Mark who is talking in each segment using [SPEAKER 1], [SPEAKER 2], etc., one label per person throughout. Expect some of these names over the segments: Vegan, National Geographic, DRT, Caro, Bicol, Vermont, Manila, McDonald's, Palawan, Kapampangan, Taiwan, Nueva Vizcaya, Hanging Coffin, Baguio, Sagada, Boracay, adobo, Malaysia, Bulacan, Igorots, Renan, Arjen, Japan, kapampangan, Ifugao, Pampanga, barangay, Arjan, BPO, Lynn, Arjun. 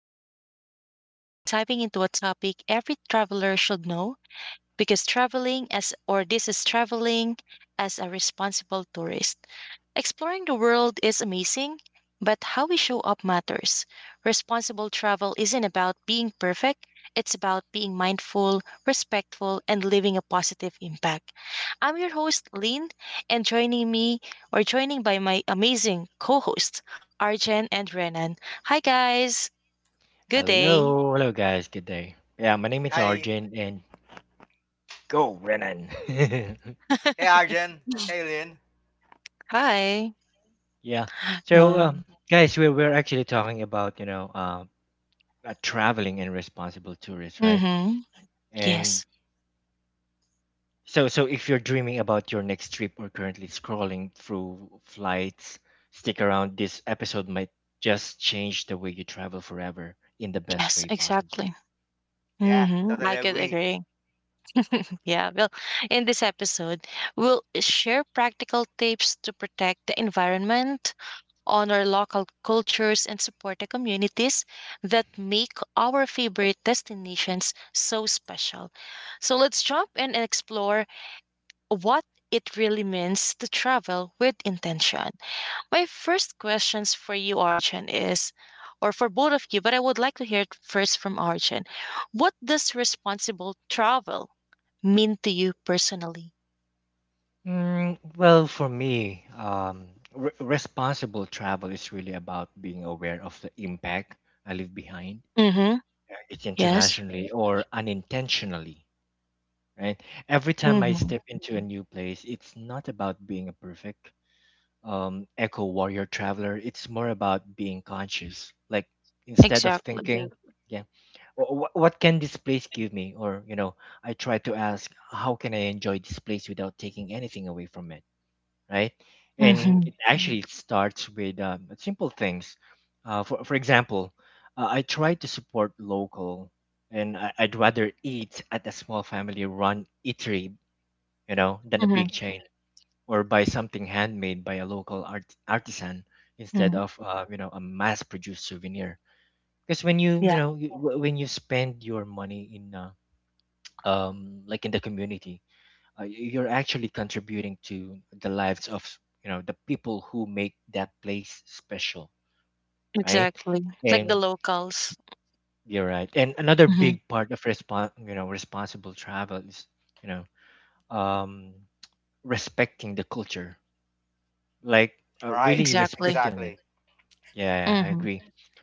[SPEAKER 1] podcast. Today we're diving into a topic every traveler should know because traveling as or this is traveling as a responsible tourist. Exploring the world is amazing, but how we show up matters. Responsible travel isn't about being perfect, it's about being mindful, respectful, and leaving a positive impact. I'm your host, Lynn, and joining me or joining by my amazing co hosts, Arjen and Renan. Hi, guys. Good day.
[SPEAKER 2] Hello, hello guys, good day. Yeah, my name is
[SPEAKER 3] Hi.
[SPEAKER 2] Arjun and go Renan.
[SPEAKER 3] Hey, Arjen. Hey, Lynn.
[SPEAKER 1] Hi.
[SPEAKER 2] yeah. So
[SPEAKER 1] Uh,
[SPEAKER 2] um, guys, we're actually talking about, traveling and responsible tourists, right?
[SPEAKER 1] mm-hmm.
[SPEAKER 2] And
[SPEAKER 1] Yes.
[SPEAKER 2] so if you're dreaming about your next trip or currently scrolling through flights, stick around. This episode might just change the way you travel forever in the best
[SPEAKER 1] Yes,
[SPEAKER 2] way possible.
[SPEAKER 1] exactly.
[SPEAKER 3] Yeah, totally
[SPEAKER 1] I could
[SPEAKER 3] agree.
[SPEAKER 1] agree. Yeah. Well, in this episode, we'll share practical tips to protect the environment, honor local cultures, and support the communities that make our favorite destinations so special. So let's jump in and explore what it really means to travel with intention. My first questions for you, Arjun, is, or for both of you, but I would like to hear it first from Arjun. What does responsible travel mean to you personally?
[SPEAKER 2] Well, for me, responsible travel is really about being aware of the impact I leave behind.
[SPEAKER 1] Mm-hmm.
[SPEAKER 2] It's
[SPEAKER 1] Yes.
[SPEAKER 2] internationally or unintentionally, right? Every time I
[SPEAKER 1] Mm-hmm.
[SPEAKER 2] step into a new place, it's not about being a perfect eco warrior traveler. It's more about being conscious. Like instead of
[SPEAKER 1] Exactly.
[SPEAKER 2] thinking, yeah, what can this place give me? Or I try to ask, how can I enjoy this place without taking anything away from it? Right? And
[SPEAKER 1] Mm-hmm.
[SPEAKER 2] it actually starts with simple things. For example, I try to support local, and I'd rather eat at a small family-run eatery, you know, than a
[SPEAKER 1] Mm-hmm.
[SPEAKER 2] big chain, or buy something handmade by a local art artisan instead
[SPEAKER 1] mm
[SPEAKER 2] of you know a mass-produced souvenir. Because when
[SPEAKER 1] Yeah.
[SPEAKER 2] when you spend your money in like in the community, you're actually contributing to the lives of you know the people who make that place special right
[SPEAKER 1] Exactly. Like the
[SPEAKER 2] and Exactly.
[SPEAKER 1] locals.
[SPEAKER 2] you're right and another
[SPEAKER 1] Mm-hmm.
[SPEAKER 2] big part of respon you know responsible travel is you know um respecting the culture like
[SPEAKER 3] Right.
[SPEAKER 2] really
[SPEAKER 1] Exactly.
[SPEAKER 2] respecting it
[SPEAKER 3] Exactly.
[SPEAKER 2] yeah I
[SPEAKER 1] Mm-hmm.
[SPEAKER 2] agree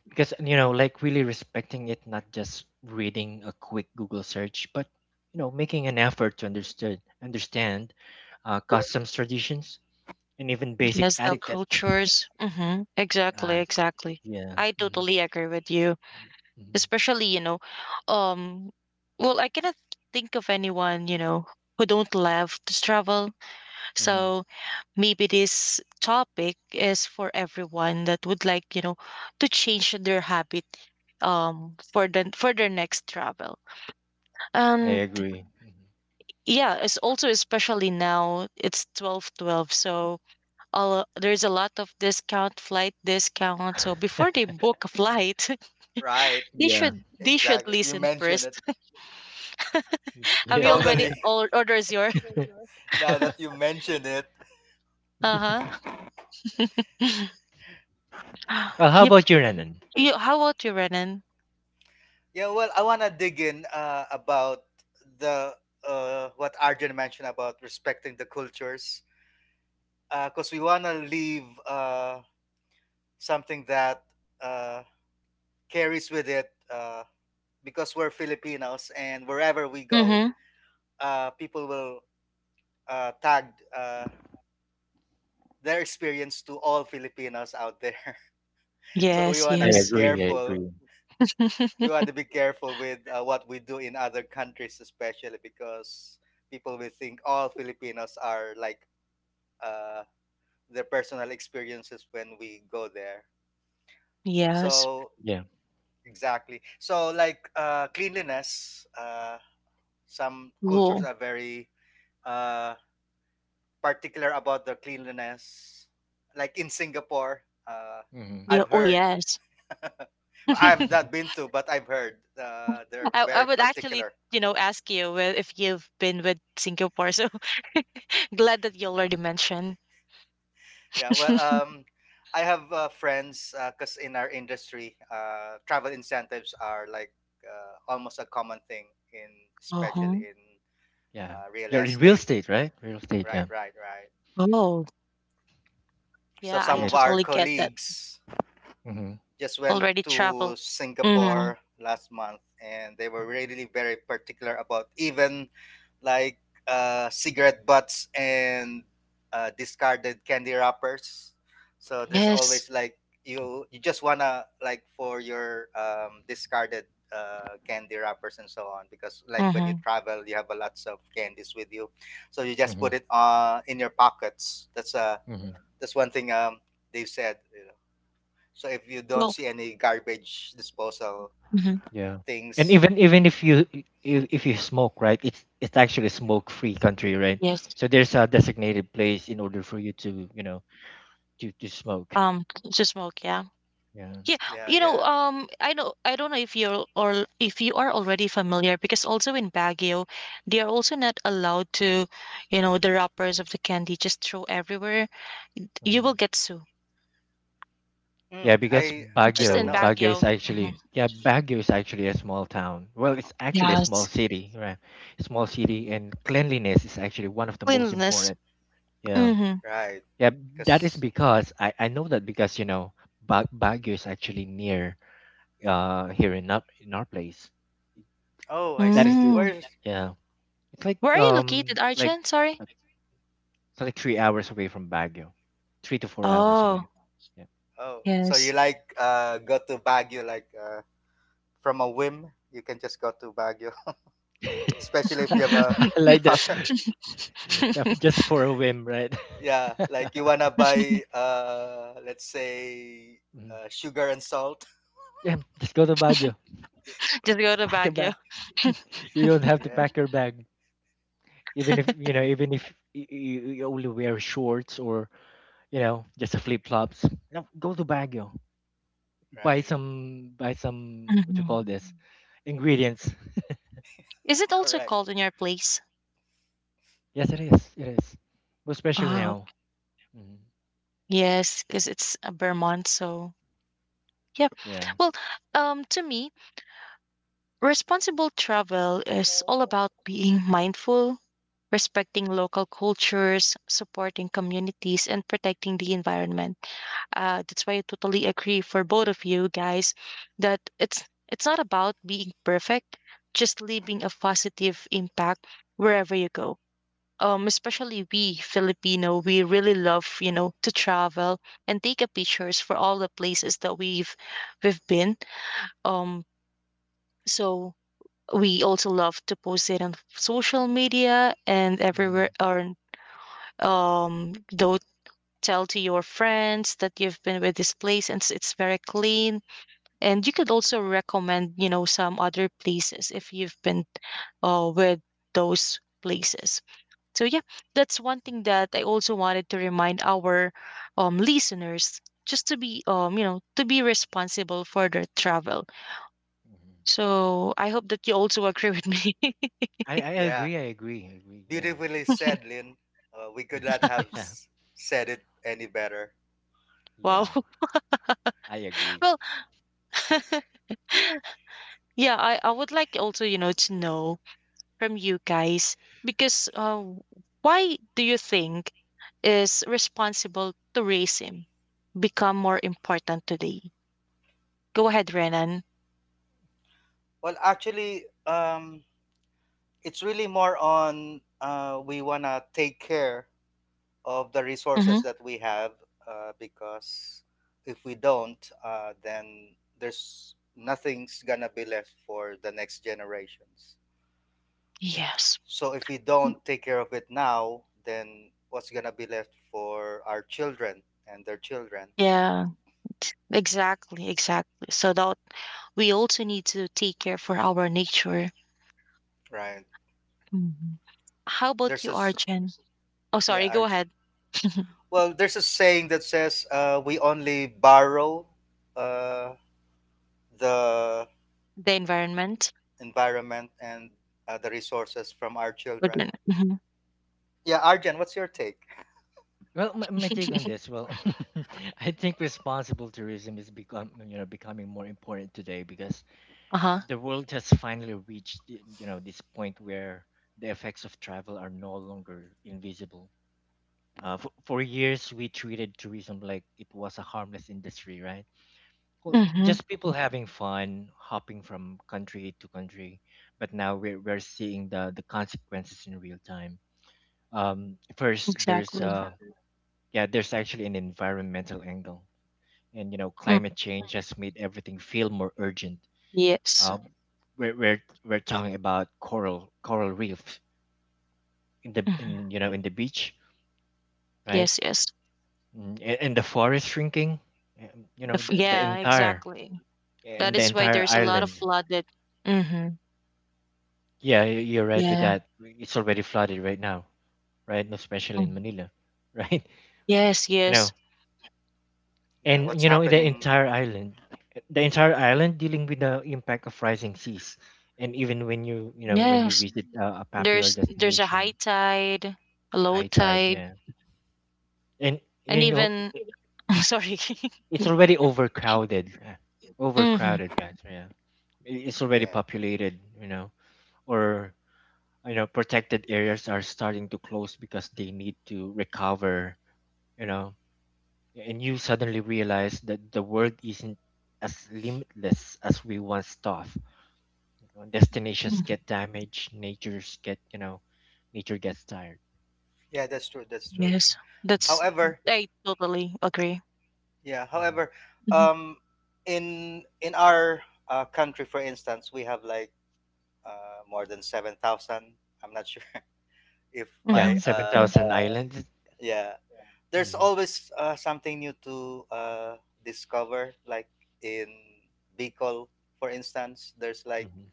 [SPEAKER 2] because you know like really respecting it not just reading a quick Google search but you know making an effort to understood understand customs traditions and even basic
[SPEAKER 1] Yes, the
[SPEAKER 2] etiquette.
[SPEAKER 1] cultures. Mm-hmm. Exactly.
[SPEAKER 2] Uh,
[SPEAKER 1] Exactly.
[SPEAKER 2] yeah.
[SPEAKER 1] I
[SPEAKER 2] hmm
[SPEAKER 1] totally agree with you.
[SPEAKER 2] hmm
[SPEAKER 1] Especially um well I cannot think of anyone who don't love to travel,
[SPEAKER 2] hmm
[SPEAKER 1] so maybe this topic is for everyone that would like, to change their habit for their next travel.
[SPEAKER 2] I
[SPEAKER 1] And
[SPEAKER 2] agree. Mhm.
[SPEAKER 1] yeah, it's also, especially now it's 12.12, so there's a lot of discount, flight discount, so before they book a flight
[SPEAKER 3] Right.
[SPEAKER 1] they
[SPEAKER 2] Yeah.
[SPEAKER 1] should they should
[SPEAKER 3] Exactly. You
[SPEAKER 1] listen
[SPEAKER 3] mentioned it.
[SPEAKER 1] first. Have you
[SPEAKER 2] Yeah.
[SPEAKER 1] already
[SPEAKER 3] Totally.
[SPEAKER 1] orders your?
[SPEAKER 3] Now that you mention it.
[SPEAKER 1] Uh huh
[SPEAKER 2] well, how
[SPEAKER 1] Yep.
[SPEAKER 2] about you, Renan?
[SPEAKER 1] You, how about you, Renan?
[SPEAKER 3] Yeah, well, I want to dig in about the what Arjun mentioned about respecting the cultures because we want to leave uh, something that uh, carries with it because we're Filipinos and wherever we go,
[SPEAKER 1] Mm-hmm.
[SPEAKER 3] people will tag uh, their experience to all Filipinos out there. So we
[SPEAKER 1] Yes.
[SPEAKER 3] want to
[SPEAKER 2] I
[SPEAKER 3] be
[SPEAKER 1] Yes.
[SPEAKER 2] agree. I
[SPEAKER 3] careful.
[SPEAKER 2] agree.
[SPEAKER 3] We want to be careful with what we do in other countries, especially because people will think all Filipinos are like uh, their personal experiences when we go there.
[SPEAKER 1] yes.
[SPEAKER 3] So
[SPEAKER 2] Yeah.
[SPEAKER 3] exactly. So like cleanliness, some cultures
[SPEAKER 1] Oh.
[SPEAKER 3] are very uh, particular about their cleanliness. Like in Singapore, uh,
[SPEAKER 2] hmm
[SPEAKER 1] Yeah.
[SPEAKER 3] I've
[SPEAKER 1] Oh
[SPEAKER 3] heard.
[SPEAKER 1] yes.
[SPEAKER 3] I've
[SPEAKER 1] I
[SPEAKER 3] not been to, but I've heard they're
[SPEAKER 1] I
[SPEAKER 3] very
[SPEAKER 1] would actually
[SPEAKER 3] particular.
[SPEAKER 1] ask you if you've been with Singapore. So glad that you already mentioned.
[SPEAKER 3] Yeah, well, I have friends because in our industry, travel incentives are like almost a common thing in, especially
[SPEAKER 1] Uh-huh.
[SPEAKER 3] in
[SPEAKER 2] yeah.
[SPEAKER 3] real
[SPEAKER 2] You're in real
[SPEAKER 3] estate.
[SPEAKER 2] estate, right? Real estate. Yeah.
[SPEAKER 3] Right, right, right.
[SPEAKER 1] Oh,
[SPEAKER 3] So
[SPEAKER 1] yeah,
[SPEAKER 2] Yeah.
[SPEAKER 1] I
[SPEAKER 3] some of our
[SPEAKER 1] totally get that.
[SPEAKER 3] colleagues
[SPEAKER 2] Mm-hmm.
[SPEAKER 3] just went
[SPEAKER 1] Already
[SPEAKER 3] to
[SPEAKER 1] traveled. Mm-hmm.
[SPEAKER 3] Singapore last month, and they were really very particular about even like cigarette butts and discarded candy wrappers. So there's
[SPEAKER 1] Yes.
[SPEAKER 3] always like you just wanna like for your discarded candy wrappers and so on because like when you
[SPEAKER 1] Mm-hmm.
[SPEAKER 3] travel you have a lots of candies with you, so you just
[SPEAKER 2] Mm-hmm.
[SPEAKER 3] put it in your pockets.
[SPEAKER 2] Mm-hmm.
[SPEAKER 3] That's one thing they said. You know. So if you don't
[SPEAKER 1] Well,
[SPEAKER 3] see any garbage disposal
[SPEAKER 1] mm-hmm.
[SPEAKER 2] Yeah. And
[SPEAKER 3] things,
[SPEAKER 2] even even if if you smoke, right? It's actually a smoke-free country, right?
[SPEAKER 1] Yes.
[SPEAKER 2] So there's a designated place in order for you to you know to smoke.
[SPEAKER 1] Um, to smoke, yeah.
[SPEAKER 2] Yeah.
[SPEAKER 1] Yeah,
[SPEAKER 3] yeah, yeah.
[SPEAKER 1] I know I don't know if you're or if you are already familiar, because also in Baguio, they are also not allowed to, you know, the wrappers of the candy just throw everywhere. You will
[SPEAKER 2] hmm
[SPEAKER 1] get sued
[SPEAKER 2] Yeah, because
[SPEAKER 3] I
[SPEAKER 1] just
[SPEAKER 3] don't
[SPEAKER 1] in
[SPEAKER 3] know.
[SPEAKER 2] Baguio is
[SPEAKER 1] Baguio. Mhm.
[SPEAKER 2] actually, yeah, Baguio is actually a small town. Well, it's actually a
[SPEAKER 3] Mm-hmm,
[SPEAKER 2] small
[SPEAKER 1] Yes,
[SPEAKER 2] city, right? Small city,
[SPEAKER 3] mm-hmm.
[SPEAKER 2] and cleanliness is actually one of the most
[SPEAKER 1] cleanliness.
[SPEAKER 2] important. Yeah.
[SPEAKER 1] Mm-hmm.
[SPEAKER 3] Right,
[SPEAKER 2] Yeah, that is
[SPEAKER 3] because
[SPEAKER 2] because I know that because, you know, ba Baguio is actually near here in in our place.
[SPEAKER 3] oh, I
[SPEAKER 2] That is,
[SPEAKER 3] see.
[SPEAKER 2] the-
[SPEAKER 1] Mm.
[SPEAKER 3] Where's
[SPEAKER 2] yeah. It's like
[SPEAKER 1] Where are you
[SPEAKER 2] um
[SPEAKER 1] located,
[SPEAKER 2] like
[SPEAKER 1] Arjun? Sorry.
[SPEAKER 2] uh, it's like 3 hours away from Baguio. 3 to 4 hours
[SPEAKER 1] Oh,
[SPEAKER 2] away. Yeah.
[SPEAKER 3] oh? So you
[SPEAKER 1] yes.
[SPEAKER 3] like go to Baguio like from a whim? You can just go to Baguio, especially if you have a
[SPEAKER 2] I like
[SPEAKER 3] car.
[SPEAKER 2] that. Yeah, just for a whim, right?
[SPEAKER 3] Yeah, like you wanna buy let's say
[SPEAKER 2] Mhm.
[SPEAKER 3] sugar and salt.
[SPEAKER 2] yeah, just go to Baguio.
[SPEAKER 1] Just go to
[SPEAKER 2] Pack your
[SPEAKER 1] Baguio.
[SPEAKER 2] bag. You don't have to
[SPEAKER 3] Yeah,
[SPEAKER 2] pack your bag. Even if
[SPEAKER 3] right,
[SPEAKER 2] you only wear shorts or you know just a flip flops, no, go to Baguio.
[SPEAKER 3] right,
[SPEAKER 2] Buy some. What you call
[SPEAKER 1] Mhm.
[SPEAKER 2] this? Ingredients.
[SPEAKER 1] Is it also
[SPEAKER 3] correct.
[SPEAKER 1] cold in your place?
[SPEAKER 2] Yes, it is. It is. Well, especially
[SPEAKER 1] Oh,
[SPEAKER 2] now. hmm
[SPEAKER 1] yes, because it's Vermont, so yeah.
[SPEAKER 2] Yeah.
[SPEAKER 1] Well, to me, responsible travel is all about being mindful, respecting local cultures, supporting communities, and protecting the environment. That's why I totally agree for both of you guys that it's not about being perfect, just leaving a positive impact wherever you go, especially we Filipino, we really love to travel and take a pictures for all the places that we've been. Um, so we also love to post it on social media and everywhere,
[SPEAKER 2] hmm
[SPEAKER 1] or though tell to your friends that you've been with this place and it's very clean, and you could also recommend, some other places if you've been with those places. So yeah, that's one thing that I also wanted to remind our listeners just to be to be responsible for their travel.
[SPEAKER 2] hmm
[SPEAKER 1] So I hope that you also agree with me.
[SPEAKER 2] I
[SPEAKER 3] Yeah,
[SPEAKER 2] agree. I agree. I agree. Yeah.
[SPEAKER 3] beautifully said, Lynn. We could not have
[SPEAKER 2] yeah.
[SPEAKER 3] said it any better.
[SPEAKER 1] Wow.
[SPEAKER 2] Yeah. I agree.
[SPEAKER 1] Well, yeah, I would like also to know from you guys because, why do you think is responsible tourism become more important today? Go ahead, Renan.
[SPEAKER 3] Well, actually, it's really more on we want to take care of the resources
[SPEAKER 1] Mm-hmm.
[SPEAKER 3] that we have because if we don't, then there's nothing's going to be left for the next generations.
[SPEAKER 1] Yes.
[SPEAKER 3] So if we don't take care of it now, then what's going to be left for our children and their children,
[SPEAKER 1] Yeah. Exactly, exactly. So that we also need to take care for our nature.
[SPEAKER 3] right?
[SPEAKER 1] Mhm. How about
[SPEAKER 3] There's a
[SPEAKER 1] you,
[SPEAKER 3] s-
[SPEAKER 1] Arjun? Oh,
[SPEAKER 3] yeah,
[SPEAKER 1] sorry. Go
[SPEAKER 3] our
[SPEAKER 1] ahead.
[SPEAKER 3] well, there's a saying that says we only borrow uh, the
[SPEAKER 1] The environment.
[SPEAKER 3] environment and the resources from our children.
[SPEAKER 1] mm
[SPEAKER 3] Yeah, Arjan, what's your take?
[SPEAKER 2] Well, my take on this, well, I think responsible tourism is become you know becoming more important today because
[SPEAKER 1] Uh huh.
[SPEAKER 2] the world has finally reached you know this point where the effects of travel are no longer invisible. For years, we treated tourism like it was a harmless industry, right? Well,
[SPEAKER 1] Mm-hmm.
[SPEAKER 2] just people having fun, hopping from country to country. But now we're seeing the consequences in real time. Um, first, there's
[SPEAKER 1] Exactly.
[SPEAKER 2] uh, yeah there's actually an environmental angle and you know
[SPEAKER 1] Mm.
[SPEAKER 2] climate change has made everything feel more urgent
[SPEAKER 1] Yes.
[SPEAKER 2] uh, we're talking about coral reefs in the
[SPEAKER 1] Mm-hmm.
[SPEAKER 2] in you know in the beach right
[SPEAKER 1] Yes. Yes.
[SPEAKER 2] And the forest shrinking you know the
[SPEAKER 1] Yeah.
[SPEAKER 2] entire
[SPEAKER 1] Exactly. That
[SPEAKER 2] and the
[SPEAKER 1] is why
[SPEAKER 2] entire
[SPEAKER 1] there's a lot of
[SPEAKER 2] island
[SPEAKER 1] flooded. Mm-hmm.
[SPEAKER 2] yeah you're right with
[SPEAKER 1] Yeah.
[SPEAKER 2] that it's already flooded right now right especially
[SPEAKER 1] Mm.
[SPEAKER 2] in Manila right
[SPEAKER 1] Yes.
[SPEAKER 2] you
[SPEAKER 1] Yes.
[SPEAKER 2] know
[SPEAKER 3] Yeah,
[SPEAKER 2] and
[SPEAKER 3] what's
[SPEAKER 2] you know
[SPEAKER 3] happening?
[SPEAKER 2] the entire island dealing with the impact of rising seas and even when when you
[SPEAKER 1] Yes.
[SPEAKER 2] visit a popular
[SPEAKER 1] There's a high
[SPEAKER 2] destination
[SPEAKER 1] tide, a low
[SPEAKER 2] high tide
[SPEAKER 1] tide,
[SPEAKER 2] yeah and
[SPEAKER 1] and
[SPEAKER 2] you know
[SPEAKER 1] even sorry.
[SPEAKER 2] it's already overcrowded yeah. overcrowded
[SPEAKER 1] mm-hmm.
[SPEAKER 2] guys yeah it's already
[SPEAKER 3] Yeah,
[SPEAKER 2] populated you know or you know protected areas are starting to close because they need to recover you know and you suddenly realize that the world isn't as limitless as we once thought. You know, destinations
[SPEAKER 1] Mhm.
[SPEAKER 2] get damaged. Nature gets tired.
[SPEAKER 3] yeah, that's true. That's
[SPEAKER 2] Mhm,
[SPEAKER 3] true.
[SPEAKER 1] Yes,
[SPEAKER 2] mhm,
[SPEAKER 1] that's
[SPEAKER 3] However,
[SPEAKER 1] I totally agree.
[SPEAKER 3] yeah,
[SPEAKER 2] mhm.
[SPEAKER 3] however,
[SPEAKER 1] Mhm.
[SPEAKER 3] um, in our country, for instance, we have like more than 7,000. I'm not sure if
[SPEAKER 2] Yeah,
[SPEAKER 3] my
[SPEAKER 1] Mhm.
[SPEAKER 2] seven And thousand Yeah. islands.
[SPEAKER 3] yeah there's
[SPEAKER 2] hmm
[SPEAKER 3] always something new to discover. Like in Bicol, for instance, there's like
[SPEAKER 2] hmm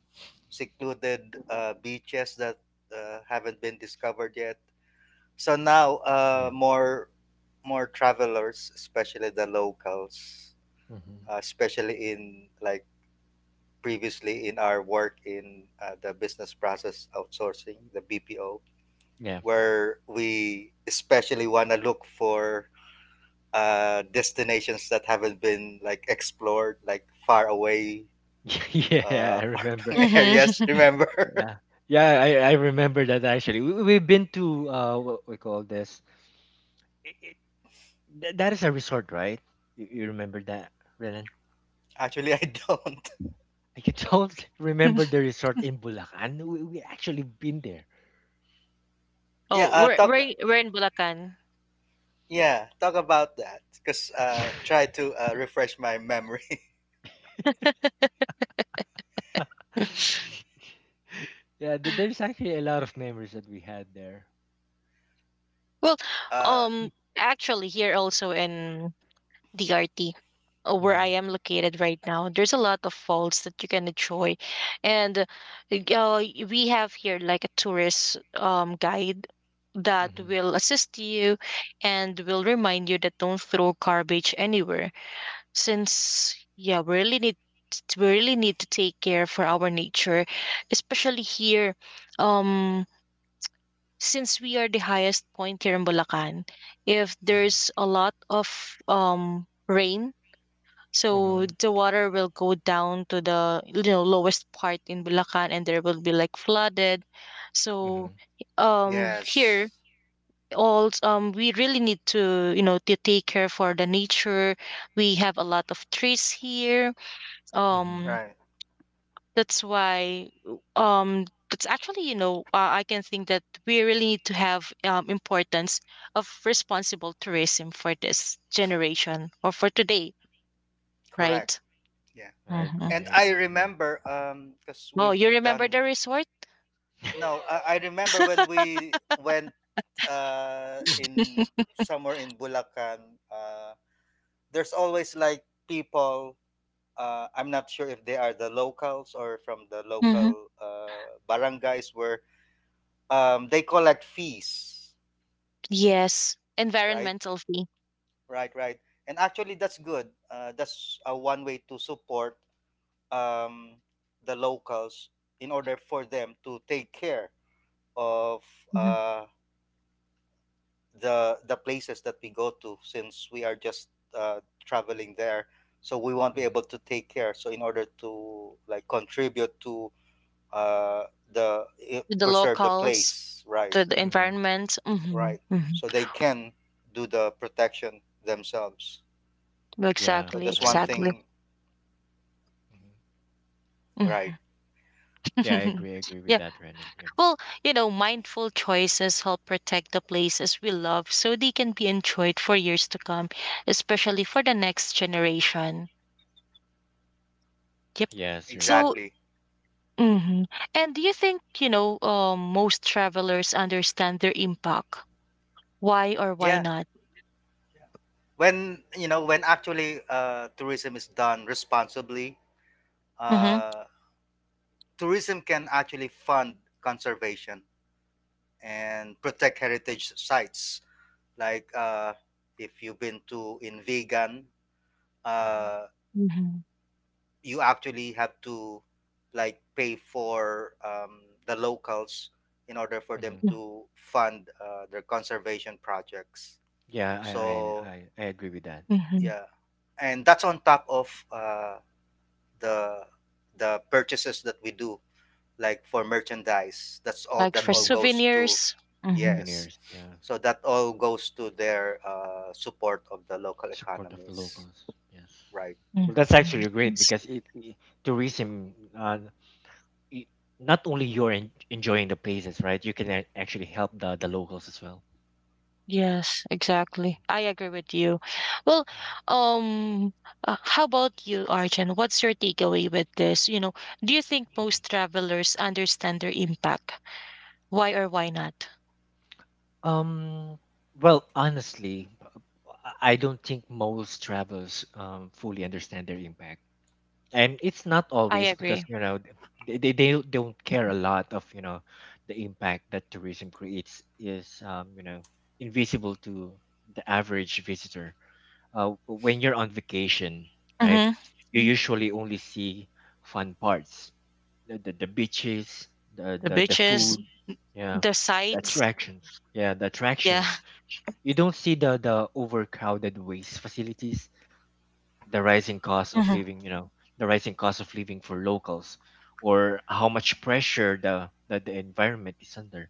[SPEAKER 3] secluded beaches that haven't been discovered yet. So now,
[SPEAKER 2] Yeah.
[SPEAKER 3] more travelers, especially the locals,
[SPEAKER 2] hmm
[SPEAKER 3] especially in like previously in our work in the business process outsourcing, the BPO,
[SPEAKER 2] Yeah.
[SPEAKER 3] where we especially want to look for destinations that haven't been like explored, like far away,
[SPEAKER 2] yeah, I remember.
[SPEAKER 3] farming areas.
[SPEAKER 1] Mhm.
[SPEAKER 3] Remember?
[SPEAKER 2] Yeah. Yeah, I remember that actually. We've been to what we call this. It, it, that is a resort, right? You remember that, Renan?
[SPEAKER 3] Actually, I don't.
[SPEAKER 2] I don't remember the resort in Bulacan. We actually been there.
[SPEAKER 3] Yeah,
[SPEAKER 1] Oh,
[SPEAKER 3] uh,
[SPEAKER 1] we're
[SPEAKER 3] talk.
[SPEAKER 1] we're we're in Bulacan.
[SPEAKER 3] Yeah, talk about that. Cause try to refresh my memory.
[SPEAKER 2] Yeah, there's actually a lot of memories that we had there.
[SPEAKER 1] Well,
[SPEAKER 3] Uh,
[SPEAKER 1] um, actually, here also in DRT, where I
[SPEAKER 2] Mm-hmm.
[SPEAKER 1] am located right now, there's a lot of falls that you can enjoy, and we have here like a tourist guide that
[SPEAKER 2] Mm-hmm.
[SPEAKER 1] will assist you and will remind you that don't throw garbage anywhere, since yeah we really need we really need to take care for our nature, especially here, um since we are the highest point here in Bulacan. If
[SPEAKER 2] Mm-hmm.
[SPEAKER 1] there's a lot of rain, so
[SPEAKER 2] Mm-hmm.
[SPEAKER 1] the water will go down to the, you know, lowest part in Bulacan and there will be like flooded. So
[SPEAKER 2] Mm-hmm.
[SPEAKER 3] yes,
[SPEAKER 1] here all we really need to, you know, to take care for the nature. We have a lot of trees here,
[SPEAKER 2] Mm-hmm.
[SPEAKER 1] um
[SPEAKER 3] right,
[SPEAKER 1] that's why, that's actually, you know, I can think that we really need to have importance of responsible tourism for this generation or for today,
[SPEAKER 3] correct.
[SPEAKER 1] right?
[SPEAKER 3] Yeah,
[SPEAKER 2] I
[SPEAKER 1] hmm
[SPEAKER 2] agree. I
[SPEAKER 3] and I
[SPEAKER 2] agree. Yeah.
[SPEAKER 3] remember cause
[SPEAKER 1] oh
[SPEAKER 3] we've
[SPEAKER 1] you remember the
[SPEAKER 3] done.
[SPEAKER 1] resort?
[SPEAKER 3] No, I remember when we went in somewhere in Bulacan. Uh, there's always like people I'm not sure if they are the locals or from the
[SPEAKER 1] hmm
[SPEAKER 3] local barangays where they collect fees,
[SPEAKER 1] yes,
[SPEAKER 3] right?
[SPEAKER 1] environmental fee.
[SPEAKER 3] Right, right. And actually, that's good. That's one way to support um, the locals in order for them to take care of
[SPEAKER 1] Mhm.
[SPEAKER 3] uh, the places that we go to, since we are just uh, traveling there. So we won't be
[SPEAKER 2] mm-hmm.
[SPEAKER 3] able to take care. So in order to like contribute to uh, the
[SPEAKER 1] To the
[SPEAKER 3] preserve the
[SPEAKER 1] locals,
[SPEAKER 3] place, right?
[SPEAKER 1] to the
[SPEAKER 2] Mm-hmm.
[SPEAKER 1] environment.
[SPEAKER 3] Right. So they can do the protection themselves.
[SPEAKER 2] Yeah,
[SPEAKER 3] So
[SPEAKER 1] Exactly,
[SPEAKER 3] that's
[SPEAKER 2] I
[SPEAKER 3] one
[SPEAKER 1] exactly.
[SPEAKER 2] agree.
[SPEAKER 3] thing,
[SPEAKER 2] hmm
[SPEAKER 3] right?
[SPEAKER 1] hmm
[SPEAKER 2] Yeah, I agree. I agree with
[SPEAKER 1] Yeah.
[SPEAKER 2] that, Renan. Yeah.
[SPEAKER 1] Well, you know, mindful choices help protect the places we love so they can be enjoyed for years to come, especially for the next generation. Yep.
[SPEAKER 2] Yes, you're right.
[SPEAKER 1] So,
[SPEAKER 3] Exactly.
[SPEAKER 1] hmm and do you think, you know, most travelers understand their impact? Why or why
[SPEAKER 3] Yeah.
[SPEAKER 1] not?
[SPEAKER 3] When when actually tourism is done responsibly,
[SPEAKER 1] Mm-hmm.
[SPEAKER 3] uh, tourism can actually fund conservation and protect heritage sites. Like if you've been to in Vegan,
[SPEAKER 2] Mm-hmm.
[SPEAKER 3] uh,
[SPEAKER 1] Mm-hmm.
[SPEAKER 3] you actually have to like pay for the locals in order for them
[SPEAKER 2] Mm-hmm.
[SPEAKER 3] to fund their conservation projects
[SPEAKER 2] Yeah,
[SPEAKER 3] so
[SPEAKER 2] I agree with that.
[SPEAKER 1] Mm-hmm. Mm-hmm.
[SPEAKER 3] yeah and that's on top of the purchases that we do like for merchandise that's all
[SPEAKER 1] Like
[SPEAKER 3] that
[SPEAKER 1] for
[SPEAKER 3] all
[SPEAKER 2] Mm.
[SPEAKER 3] goes to
[SPEAKER 1] souvenirs. Mm-hmm.
[SPEAKER 3] yes
[SPEAKER 2] Souvenirs. Yeah.
[SPEAKER 3] so that all goes to their support of the local
[SPEAKER 2] Support of the
[SPEAKER 3] economies
[SPEAKER 2] locals. Yes.
[SPEAKER 3] right
[SPEAKER 1] Mm-hmm.
[SPEAKER 2] Well, that's actually great
[SPEAKER 1] Yes.
[SPEAKER 2] because it tourism y- not only you're enjoying the places, right? You can actually help the locals as well.
[SPEAKER 1] Yes, exactly. I agree with you. Well, um, how about you, Arjun? What's your takeaway with this? You know, do you think most travelers understand their impact? Why or why not?
[SPEAKER 2] Um, well, honestly, I don't think most travelers fully understand their impact, and it's not
[SPEAKER 1] I
[SPEAKER 2] always because
[SPEAKER 1] agree.
[SPEAKER 2] you know they don't care a lot of you know the impact that tourism creates is you know invisible to the average visitor. When you're on vacation, right?
[SPEAKER 1] Mm-hmm.
[SPEAKER 2] You usually only see fun parts, the beaches,
[SPEAKER 1] The
[SPEAKER 2] the
[SPEAKER 1] beaches,
[SPEAKER 2] food, yeah,
[SPEAKER 1] the sights.
[SPEAKER 2] yeah, the
[SPEAKER 1] Yeah.
[SPEAKER 2] attractions. You don't see the overcrowded waste facilities, the rising cost of
[SPEAKER 1] hmm
[SPEAKER 2] living, you know, the rising cost of living for locals, or how much pressure the that the environment is under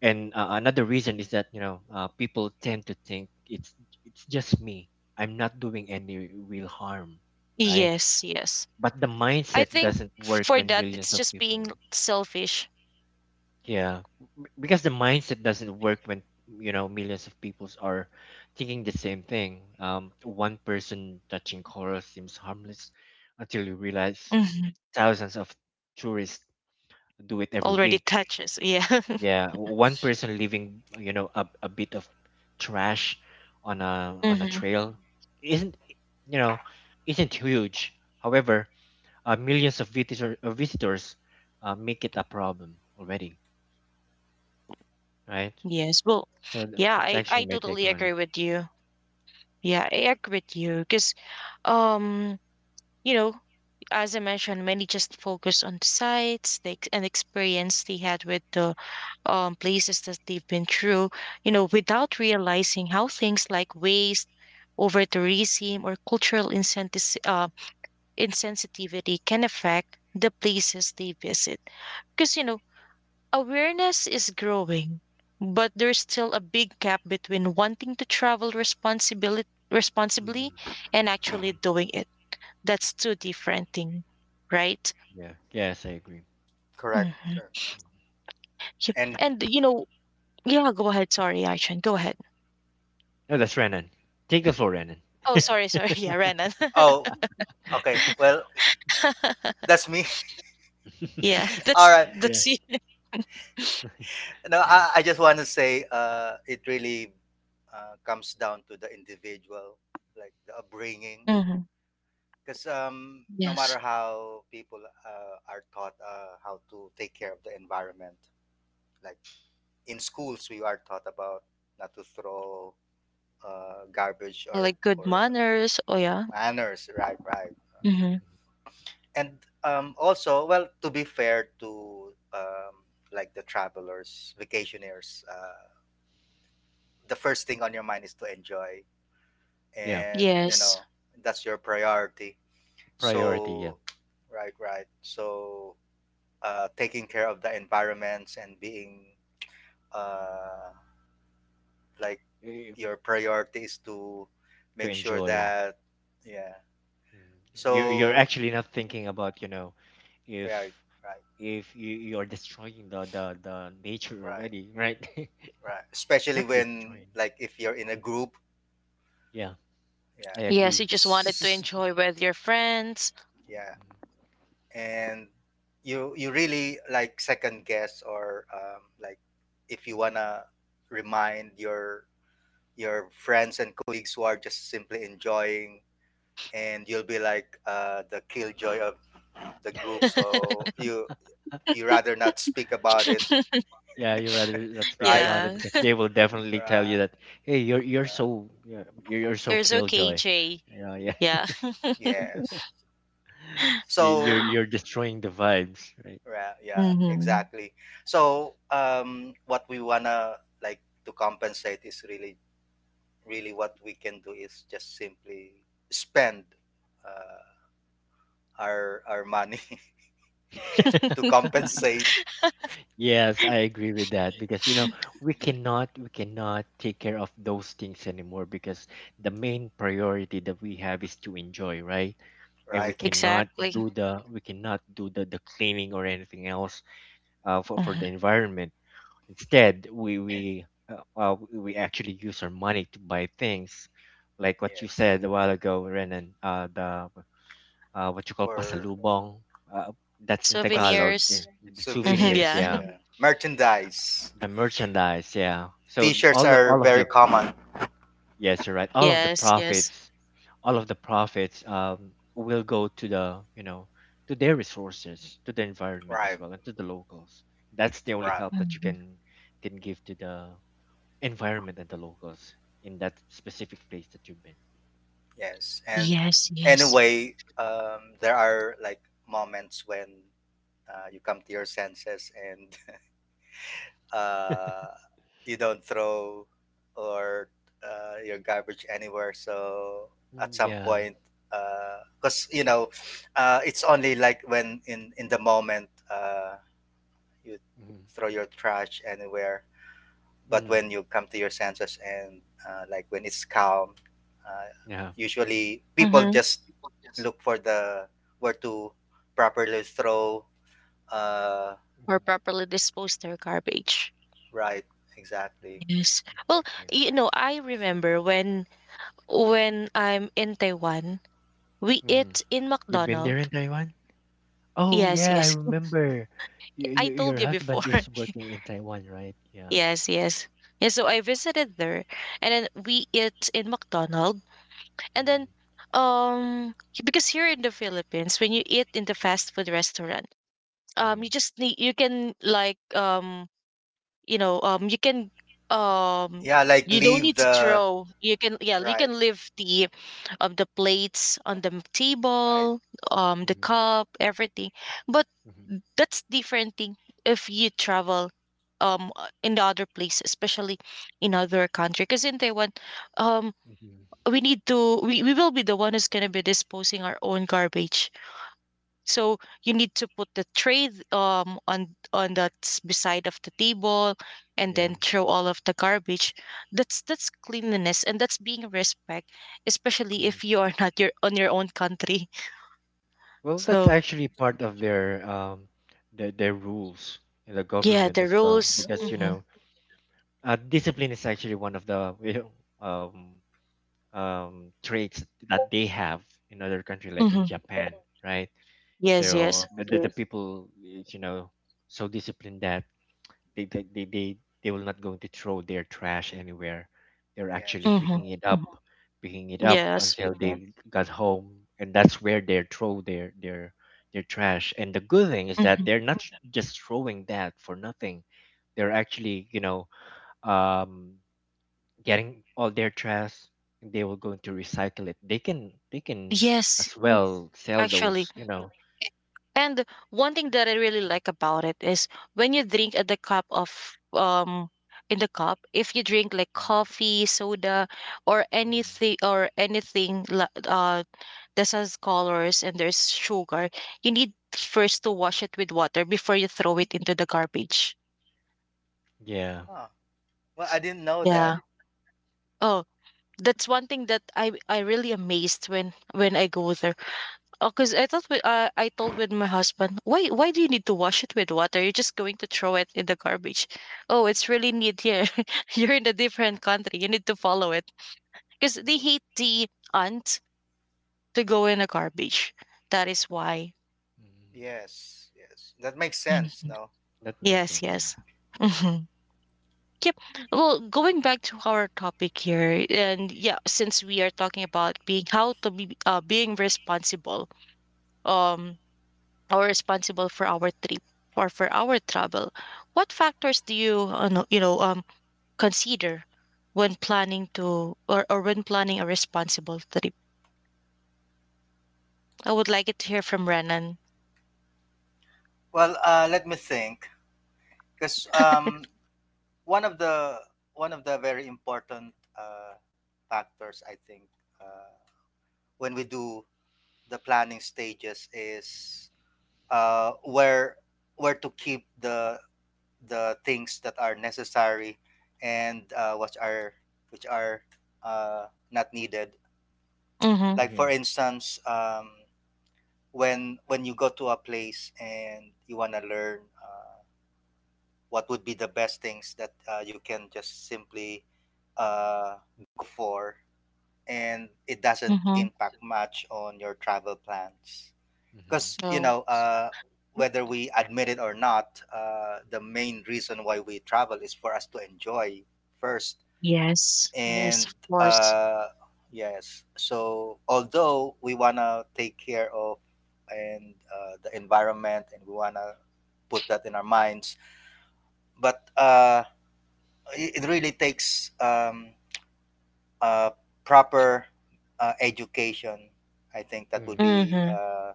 [SPEAKER 2] and another reason is that you know people tend to think it's just me I'm not doing any real harm right
[SPEAKER 1] Yes, yes.
[SPEAKER 2] but the
[SPEAKER 1] I
[SPEAKER 2] mindset
[SPEAKER 1] think
[SPEAKER 2] doesn't work
[SPEAKER 1] for
[SPEAKER 2] when
[SPEAKER 1] that,
[SPEAKER 2] millions
[SPEAKER 1] it's
[SPEAKER 2] of
[SPEAKER 1] just being
[SPEAKER 2] people
[SPEAKER 1] selfish.
[SPEAKER 2] yeah because the mindset doesn't work when you know millions of peoples are thinking the same thing one person touching coral seems harmless until you realize
[SPEAKER 1] hmm
[SPEAKER 2] thousands of tourists do it every
[SPEAKER 1] Already
[SPEAKER 2] week.
[SPEAKER 1] touches. Yeah.
[SPEAKER 2] Yeah, one person leaving, you know, a bit of trash on a
[SPEAKER 1] hmm
[SPEAKER 2] trail isn't, you know, isn't huge. However, uh, visitors make it a problem already, right?
[SPEAKER 1] Yes. Well,
[SPEAKER 2] So
[SPEAKER 1] yeah,
[SPEAKER 2] that's
[SPEAKER 1] I
[SPEAKER 2] actually my take
[SPEAKER 1] totally
[SPEAKER 2] on it.
[SPEAKER 1] agree with you. Yeah, I agree with you because, um, you know, as I mentioned, many just focus on the sites, and experience they had with the places that they've been through, you know, without realizing how things like waste, over tourism, or insensitivity can affect the places they visit. Because you know, awareness is growing, but there's still a big gap between wanting responsibly
[SPEAKER 2] hmm
[SPEAKER 1] and actually
[SPEAKER 2] hmm
[SPEAKER 1] doing it. That's two different things, right?
[SPEAKER 2] Yeah. Yes, I agree.
[SPEAKER 3] correct
[SPEAKER 1] hmm
[SPEAKER 3] Correct.
[SPEAKER 2] Mhm.
[SPEAKER 1] Yep.
[SPEAKER 3] And
[SPEAKER 1] And you know, yeah, go ahead. Sorry, Aishan. Go ahead.
[SPEAKER 2] No, that's Renan. Take the floor, Renan.
[SPEAKER 1] Oh, sorry, sorry. Yeah, Renan.
[SPEAKER 3] oh okay
[SPEAKER 2] yeah.
[SPEAKER 3] well that's me.
[SPEAKER 1] Yeah,
[SPEAKER 3] All right.
[SPEAKER 2] yeah.
[SPEAKER 1] that's it.
[SPEAKER 3] No, I just want to say it really comes down to the individual, like the upbringing.
[SPEAKER 1] hmm
[SPEAKER 3] Because no
[SPEAKER 1] Yes,
[SPEAKER 3] matter how people are taught how to take care of the environment, like in schools, we are taught about not to throw garbage
[SPEAKER 1] like good
[SPEAKER 3] or
[SPEAKER 1] manners. Oh yeah.
[SPEAKER 3] manners, right? Right.
[SPEAKER 2] Mhm,
[SPEAKER 1] hmm
[SPEAKER 2] mhm.
[SPEAKER 3] And also, well, to be fair to um, like the travelers, vacationers, the first thing on your mind is to enjoy
[SPEAKER 2] Yeah.
[SPEAKER 3] and you
[SPEAKER 1] Yes.
[SPEAKER 3] know that's your priority
[SPEAKER 2] Priority. Yeah.
[SPEAKER 3] so right right so taking care of the environments and being uh, like
[SPEAKER 2] Eh,
[SPEAKER 3] your priority is to
[SPEAKER 2] to
[SPEAKER 3] make sure
[SPEAKER 2] enjoy.
[SPEAKER 3] that yeah
[SPEAKER 2] Mm. You're
[SPEAKER 3] so
[SPEAKER 2] actually not thinking about you know, if
[SPEAKER 3] right right
[SPEAKER 2] if you you're destroying the the nature
[SPEAKER 3] right
[SPEAKER 2] already, right?
[SPEAKER 3] right especially
[SPEAKER 2] not
[SPEAKER 3] when
[SPEAKER 2] destroying.
[SPEAKER 3] like if you're in a group
[SPEAKER 2] Yeah,
[SPEAKER 3] yeah
[SPEAKER 2] I
[SPEAKER 1] Yes, you
[SPEAKER 2] agree.
[SPEAKER 1] just wanted to
[SPEAKER 3] it's
[SPEAKER 1] enjoy with your friends.
[SPEAKER 2] Mm.
[SPEAKER 3] yeah and you really like second guess or like if you wanna remind your friends and colleagues who are just simply enjoying and you'll be like the killjoy of the group so you rather not speak about it
[SPEAKER 2] Yeah, you rather not speak
[SPEAKER 3] right
[SPEAKER 2] about it
[SPEAKER 1] yeah,
[SPEAKER 2] because they will definitely tell
[SPEAKER 3] uh,
[SPEAKER 2] you that, hey, you're
[SPEAKER 3] uh,
[SPEAKER 2] so yeah, you're so
[SPEAKER 1] there's okay,
[SPEAKER 2] killjoy.
[SPEAKER 1] Jay.
[SPEAKER 2] Yeah, yeah.
[SPEAKER 1] Yeah.
[SPEAKER 3] yes so
[SPEAKER 2] You're destroying the vibes, right?
[SPEAKER 3] yeah
[SPEAKER 1] hmm
[SPEAKER 3] exactly so what we wanna like to compensate is really what we can do is just simply spend uh, our money to compensate,
[SPEAKER 2] Yes, I agree with that because you know we cannot take care of those things anymore because the main priority that we have is to enjoy, right? And
[SPEAKER 3] right?
[SPEAKER 1] Exactly.
[SPEAKER 2] we cannot do the cleaning or anything else uh, for
[SPEAKER 1] Mhm.
[SPEAKER 2] the environment. Instead, we actually use our money to buy things like what you
[SPEAKER 3] Yes,
[SPEAKER 2] said a while ago, Renan. The what you call
[SPEAKER 3] for
[SPEAKER 2] pasalubong. Uh, that's in
[SPEAKER 3] what's
[SPEAKER 2] Tagalog. Yeah,
[SPEAKER 1] Souvenirs.
[SPEAKER 2] the souvenirs,
[SPEAKER 3] souvenirs,
[SPEAKER 1] Yeah.
[SPEAKER 2] yeah
[SPEAKER 3] yeah, merchandise.
[SPEAKER 2] the merchandise, yeah. So
[SPEAKER 3] T-shirts are
[SPEAKER 2] all of
[SPEAKER 3] very
[SPEAKER 2] the
[SPEAKER 3] common,
[SPEAKER 2] yes, you're right. All of the
[SPEAKER 1] Yes, yes.
[SPEAKER 2] profits, all of the profits will go to the, you know, to their resources, to the environment
[SPEAKER 3] right?
[SPEAKER 2] as well, and to the locals. That's the only
[SPEAKER 3] Right.
[SPEAKER 2] help that you
[SPEAKER 1] Mhm.
[SPEAKER 2] can give to the environment and the locals in that specific place that you've been.
[SPEAKER 3] Yes, and
[SPEAKER 2] Mm.
[SPEAKER 1] Yes, yes.
[SPEAKER 3] anyway, there are like moments when you come to your senses and uh, you don't throw or your garbage anywhere. So at
[SPEAKER 2] Mm,
[SPEAKER 3] some
[SPEAKER 2] Yeah.
[SPEAKER 3] point, because you know, it's only like when in the moment you
[SPEAKER 2] Mm.
[SPEAKER 3] throw your trash anywhere. But
[SPEAKER 2] Mm.
[SPEAKER 3] when you come to your senses and like when it's calm, uh,
[SPEAKER 2] Yeah.
[SPEAKER 3] usually people
[SPEAKER 1] hmm
[SPEAKER 3] just look for the where to properly throw. Uh,
[SPEAKER 1] Or
[SPEAKER 2] Mhm.
[SPEAKER 1] properly dispose their garbage.
[SPEAKER 3] right,
[SPEAKER 2] Mm.
[SPEAKER 3] exactly.
[SPEAKER 1] Yes. Well,
[SPEAKER 2] Exactly.
[SPEAKER 1] you know, I remember when I'm in Taiwan, we
[SPEAKER 2] Mhm.
[SPEAKER 1] eat in
[SPEAKER 2] You've been there in
[SPEAKER 1] McDonald's.
[SPEAKER 2] Taiwan? Oh
[SPEAKER 1] Yes,
[SPEAKER 2] yeah, I
[SPEAKER 1] yes.
[SPEAKER 2] remember.
[SPEAKER 1] I
[SPEAKER 2] Your
[SPEAKER 1] told you before.
[SPEAKER 2] husband is working in Taiwan, right? Yeah.
[SPEAKER 1] Yes, yes. Yeah, so I visited there and then we eat in McDonald's. And then
[SPEAKER 2] Mm-hmm.
[SPEAKER 1] because here in the Philippines when you eat in the fast food restaurant,
[SPEAKER 2] Mm-hmm.
[SPEAKER 1] you just need you can like you know um
[SPEAKER 3] Yeah, like
[SPEAKER 1] you don't
[SPEAKER 3] leave
[SPEAKER 1] need to
[SPEAKER 3] the
[SPEAKER 1] throw, you can, yeah, you
[SPEAKER 3] Right,
[SPEAKER 1] can leave the plates on the
[SPEAKER 3] right,
[SPEAKER 1] table, the
[SPEAKER 2] Mm-hmm.
[SPEAKER 1] cup, everything. But
[SPEAKER 2] Mm-hmm.
[SPEAKER 1] that's different thing if you travel in the other place, especially in other country, because in Taiwan, um
[SPEAKER 2] Mm-hmm.
[SPEAKER 1] we need to, we will be the one who's going to be disposing our own garbage. So you need to put the tray on that beside of the table and
[SPEAKER 2] Yeah.
[SPEAKER 1] then throw all of the garbage. That's cleanliness and that's being respect, especially
[SPEAKER 2] Mm-hmm.
[SPEAKER 1] if you are not your on your own country.
[SPEAKER 2] Well, that's
[SPEAKER 1] So
[SPEAKER 2] actually part of their rules in the
[SPEAKER 1] yeah,
[SPEAKER 2] government
[SPEAKER 1] the
[SPEAKER 2] as well,
[SPEAKER 1] rules.
[SPEAKER 2] because you know, discipline is actually one of the you know, um traits that they have in other country like in
[SPEAKER 1] Hmm
[SPEAKER 2] Japan, right?
[SPEAKER 1] yes, yes.
[SPEAKER 2] So
[SPEAKER 3] right.
[SPEAKER 2] the Yes. people is, you know so disciplined that they they they they, they will not going to throw their trash anywhere they're actually
[SPEAKER 3] Yes.
[SPEAKER 1] hmm
[SPEAKER 2] picking it up Mhm. picking it up
[SPEAKER 1] yes.
[SPEAKER 2] until Yes. they Correct. Got home and that's where they throw their trash. And the good thing is that
[SPEAKER 1] hmm
[SPEAKER 2] they're not just throwing that for nothing. They're actually um getting all their trash, and they will going to recycle it. They can, they can, as
[SPEAKER 1] yes,
[SPEAKER 2] Yes. well sell
[SPEAKER 1] actually.
[SPEAKER 2] those
[SPEAKER 1] And one thing that I really like about it is when you drink at the cup of um in the cup, if you drink like
[SPEAKER 2] Mhm,
[SPEAKER 1] coffee, soda, or
[SPEAKER 2] mhm.
[SPEAKER 1] anything or that has colors and there's sugar, you need first to wash it with water before you throw it into the garbage.
[SPEAKER 2] Yeah.
[SPEAKER 3] Huh. Well, I didn't know that.
[SPEAKER 1] Yeah. Oh, that's one thing that I really amazed when I go there. Oh, because I thought with, I told with my husband, why do you need to wash it with water? You're just going to throw it in the garbage. Oh, it's really neat here. You're in a different country. You need to follow it because they hate the aunt to go in the garbage. That is why.
[SPEAKER 2] Mhm.
[SPEAKER 3] Yes, yes. That makes sense,
[SPEAKER 1] Mhm.
[SPEAKER 3] no?
[SPEAKER 2] That makes
[SPEAKER 1] Yes,
[SPEAKER 2] sense, yeah.
[SPEAKER 1] yes. hmm Yep. Well, going back to our topic here, and yeah, since we are talking about being how to be being responsible, um, or responsible for our trip or for our travel, what factors do you no- you know consider when planning to or when planning a responsible trip? I would like it to hear from Renan.
[SPEAKER 3] Well, let me think. Because one of the one of the very important factors, I think, uh, when we do the planning stages is uh, where where to keep the things that are necessary and which are not needed
[SPEAKER 1] Mm-hmm.
[SPEAKER 3] like for
[SPEAKER 2] Mm-hmm.
[SPEAKER 3] instance when you go to a place and you want to learn what would be the best things that you can just simply uh, go for and it doesn't
[SPEAKER 1] Mm-hmm.
[SPEAKER 3] impact much on your travel plans
[SPEAKER 2] Mm-hmm.
[SPEAKER 3] because you
[SPEAKER 1] Oh,
[SPEAKER 3] know whether we admit it or not the main reason why we travel is for us to enjoy first
[SPEAKER 1] yes, yes,
[SPEAKER 3] and
[SPEAKER 1] of course.
[SPEAKER 3] uh yes so although we want to take care of and the environment and we want to put that in our minds but it, it really takes uh proper education I think that would
[SPEAKER 2] Mm-hmm.
[SPEAKER 3] be
[SPEAKER 1] Mm-hmm.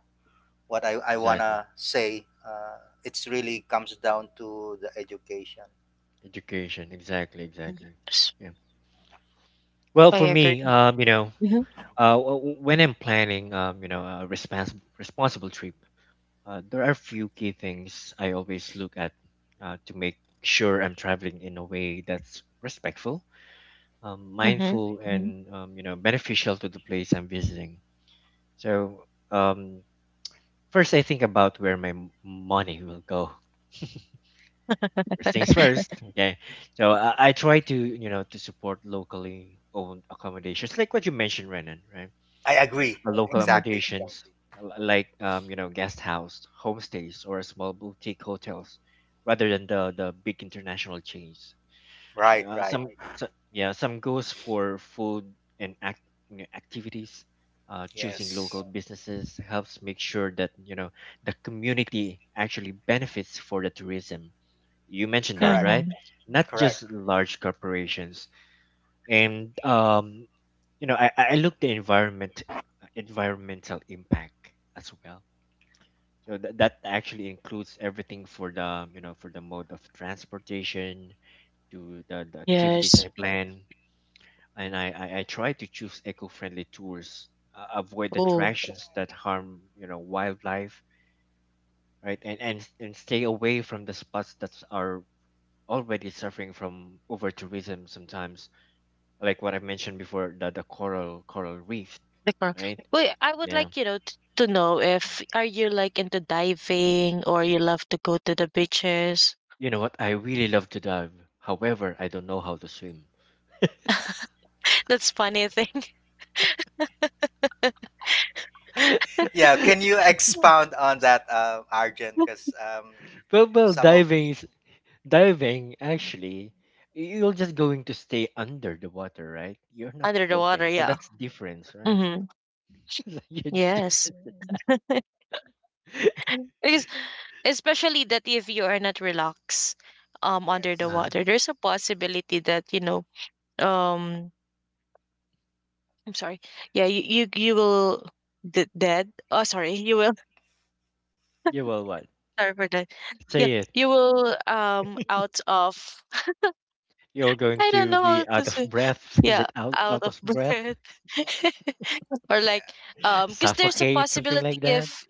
[SPEAKER 3] what I want
[SPEAKER 2] Exactly.
[SPEAKER 3] to say it's really comes down to the education
[SPEAKER 2] Education. Exactly. Exactly. Yeah. Well,
[SPEAKER 1] I
[SPEAKER 2] for
[SPEAKER 1] agree.
[SPEAKER 2] me,
[SPEAKER 1] Mm-hmm.
[SPEAKER 2] when I'm planning, a responsible trip, there are a few key things I always look at to make sure I'm traveling in a way that's respectful,
[SPEAKER 1] Mm-hmm.
[SPEAKER 2] mindful, and beneficial to the place I'm visiting. So, um, first, I think about where my money will go. First things first. Okay, so I try to to support locally owned accommodations, like what you mentioned, Renan, right?
[SPEAKER 3] I agree
[SPEAKER 2] Local
[SPEAKER 3] exactly
[SPEAKER 2] accommodations like guest house, homestays, or small boutique hotels, rather than the big international chains.
[SPEAKER 3] right
[SPEAKER 2] Uh,
[SPEAKER 3] right
[SPEAKER 2] some, so, yeah, some goes for food and act, activities. Choosing
[SPEAKER 3] yes
[SPEAKER 2] local businesses helps make sure that the community actually benefits for the tourism. You mentioned that,
[SPEAKER 3] correct
[SPEAKER 2] right?
[SPEAKER 1] Mm-hmm.
[SPEAKER 2] Not just
[SPEAKER 3] correct.
[SPEAKER 2] large corporations. And I look the environmental impact as well. So that actually includes everything for the for the mode of transportation to the activities
[SPEAKER 1] Yes.
[SPEAKER 2] I plan. And I try to choose eco-friendly tours, avoid
[SPEAKER 1] Oh.
[SPEAKER 2] attractions that harm wildlife, right? And and stay away from the spots that are already suffering from over tourism sometimes, like what I mentioned before, the coral reef,
[SPEAKER 1] The.
[SPEAKER 2] right?
[SPEAKER 1] Wait, I would
[SPEAKER 2] Yeah,
[SPEAKER 1] like, you know, to know if are you like into diving or you love to go to the beaches?
[SPEAKER 2] you know what, I really love to dive. However, I don't know how to swim.
[SPEAKER 1] That's funny thing.
[SPEAKER 3] Yeah, can you expound on that, Arjun? Because
[SPEAKER 2] Well,
[SPEAKER 3] some of
[SPEAKER 2] diving is diving actually, you're just going to stay under the water, right? You're not
[SPEAKER 1] Under the water,
[SPEAKER 2] floating, so
[SPEAKER 1] yeah.
[SPEAKER 2] that's difference, right?
[SPEAKER 1] Mm-hmm.
[SPEAKER 2] It's a huge
[SPEAKER 1] Yes.
[SPEAKER 2] difference.
[SPEAKER 1] Because especially that if you are not relaxed under the
[SPEAKER 3] yes,
[SPEAKER 2] Uh,
[SPEAKER 1] water, there's a possibility that, um I'm sorry. Yeah, you will dead. Oh sorry, you will.
[SPEAKER 2] yeah, well, what?
[SPEAKER 1] Sorry for that. Yeah.
[SPEAKER 2] Say it.
[SPEAKER 1] You will out of
[SPEAKER 2] You're going
[SPEAKER 1] I don't
[SPEAKER 2] to
[SPEAKER 1] know how
[SPEAKER 2] be
[SPEAKER 1] to
[SPEAKER 2] out of
[SPEAKER 1] say.
[SPEAKER 2] breath, is
[SPEAKER 1] Yeah,
[SPEAKER 2] it
[SPEAKER 1] out
[SPEAKER 2] out
[SPEAKER 1] of
[SPEAKER 2] of breath?
[SPEAKER 1] breath. Or like
[SPEAKER 3] yeah,
[SPEAKER 1] because there's a
[SPEAKER 2] Suffocate, something like
[SPEAKER 1] possibility
[SPEAKER 2] that.
[SPEAKER 1] if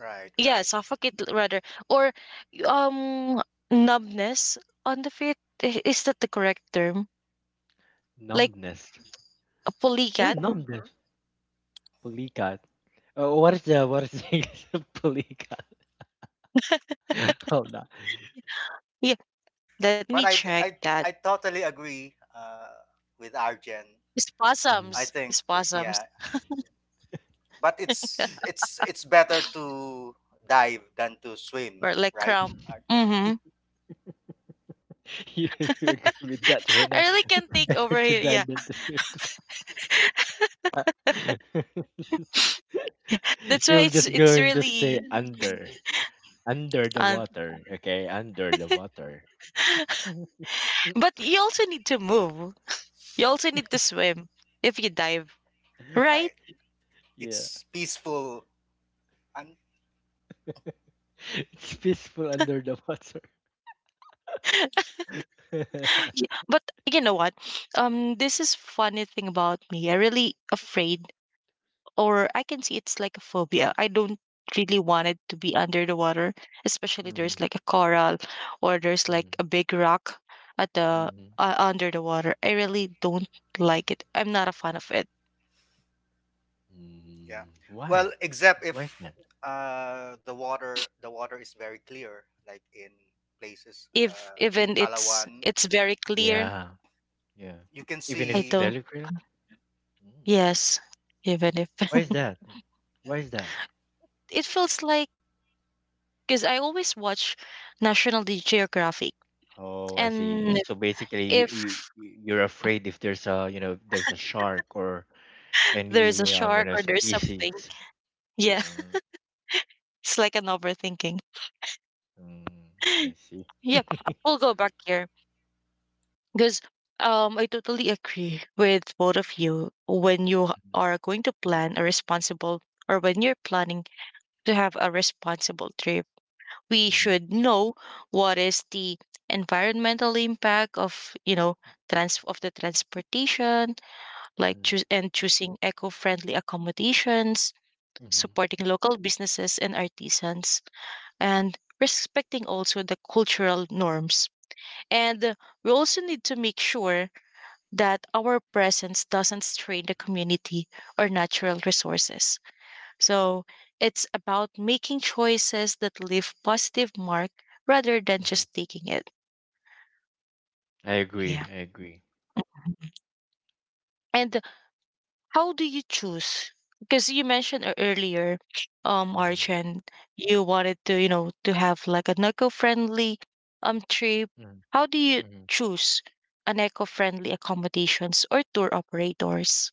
[SPEAKER 3] right,
[SPEAKER 1] yeah,
[SPEAKER 3] right,
[SPEAKER 1] suffocate, rather, or um numbness on the feet. Is that the correct term? Like
[SPEAKER 2] Numbness.
[SPEAKER 1] a
[SPEAKER 2] Yeah,
[SPEAKER 1] polycat?
[SPEAKER 3] yeah.
[SPEAKER 2] numbness. Pulikat. What is the English of pulikat? Hold on.
[SPEAKER 1] Yeah, let me
[SPEAKER 3] But
[SPEAKER 1] check
[SPEAKER 3] I,
[SPEAKER 1] that.
[SPEAKER 3] I totally agree with Arjun.
[SPEAKER 2] Mhm.
[SPEAKER 3] I
[SPEAKER 1] Spasms.
[SPEAKER 3] think yeah,
[SPEAKER 1] Spasms
[SPEAKER 3] but it's it's better to dive than to swim,
[SPEAKER 1] or like
[SPEAKER 3] right?
[SPEAKER 1] cramp.
[SPEAKER 3] Ar-
[SPEAKER 1] Mm-hmm.
[SPEAKER 2] You, you agree with that,
[SPEAKER 1] I
[SPEAKER 2] Renan?
[SPEAKER 1] really
[SPEAKER 2] It's
[SPEAKER 1] can't take
[SPEAKER 2] better
[SPEAKER 1] over
[SPEAKER 2] to
[SPEAKER 1] here. Yeah.
[SPEAKER 2] dive than to swim.
[SPEAKER 1] That's why
[SPEAKER 2] You're just
[SPEAKER 1] it's
[SPEAKER 2] going to stay
[SPEAKER 1] really
[SPEAKER 2] under the
[SPEAKER 1] um
[SPEAKER 2] water. Okay, under the water. Mhm. Mm,
[SPEAKER 1] but you also need to move. You also need to swim if you dive. Right?
[SPEAKER 3] Right.
[SPEAKER 2] yeah,
[SPEAKER 3] It's peaceful and
[SPEAKER 2] it's peaceful under the water.
[SPEAKER 1] But you know what? This is funny thing about me. I really afraid, or I can see it's like a phobia. I don't really want it to be under the water, especially
[SPEAKER 2] Mm-hmm.
[SPEAKER 1] there's like a coral or there's like a big rock at the
[SPEAKER 2] Mm-hmm.
[SPEAKER 1] under the water. I really don't like it. I'm not a fan of it.
[SPEAKER 3] yeah.
[SPEAKER 2] Mm-hmm. Why?
[SPEAKER 3] Well, except if
[SPEAKER 2] Why is that?
[SPEAKER 3] the water is very clear, like in places
[SPEAKER 1] If even
[SPEAKER 3] in
[SPEAKER 1] it's
[SPEAKER 3] Palawan
[SPEAKER 1] very clear,
[SPEAKER 2] Yeah, yeah.
[SPEAKER 3] you can
[SPEAKER 2] Even
[SPEAKER 1] I
[SPEAKER 2] if it's
[SPEAKER 3] see
[SPEAKER 1] don't.
[SPEAKER 2] belly cream, mm.
[SPEAKER 1] Yes, even if
[SPEAKER 2] Why is that? Why is that?
[SPEAKER 1] it feels like because I always watch National Geographic
[SPEAKER 2] Oh, I see.
[SPEAKER 1] and
[SPEAKER 2] So basically,
[SPEAKER 1] if
[SPEAKER 2] you're afraid if there's a there's a shark or
[SPEAKER 1] there's a
[SPEAKER 2] any
[SPEAKER 1] shark or there's
[SPEAKER 2] species.
[SPEAKER 1] something. Yeah,
[SPEAKER 2] Um,
[SPEAKER 1] it's like an overthinking.
[SPEAKER 2] mm, I see.
[SPEAKER 1] Yeah, we'll go back here because I totally agree with both of you. When you are going to plan a responsible, or when you're planning to have a responsible trip, we
[SPEAKER 2] Mm-hmm.
[SPEAKER 1] should know what is the environmental impact of you know trans of the transportation, like
[SPEAKER 2] Mm-hmm.
[SPEAKER 1] choose and choosing eco-friendly accommodations,
[SPEAKER 2] Mm-hmm.
[SPEAKER 1] supporting local businesses and artisans, and respecting also the cultural norms. And we also need to make sure that our presence doesn't strain the community or natural resources. So it's about making choices that leave positive mark rather than just taking it.
[SPEAKER 2] I
[SPEAKER 1] Yeah.
[SPEAKER 2] agree. I agree.
[SPEAKER 1] And how do you choose? Because you mentioned earlier,
[SPEAKER 2] Mm-hmm.
[SPEAKER 1] Archand, you wanted to, you know, to have like an eco-friendly trip.
[SPEAKER 2] Mm-hmm.
[SPEAKER 1] How do you
[SPEAKER 2] Mm-hmm.
[SPEAKER 1] choose an eco-friendly accommodations or tour operators?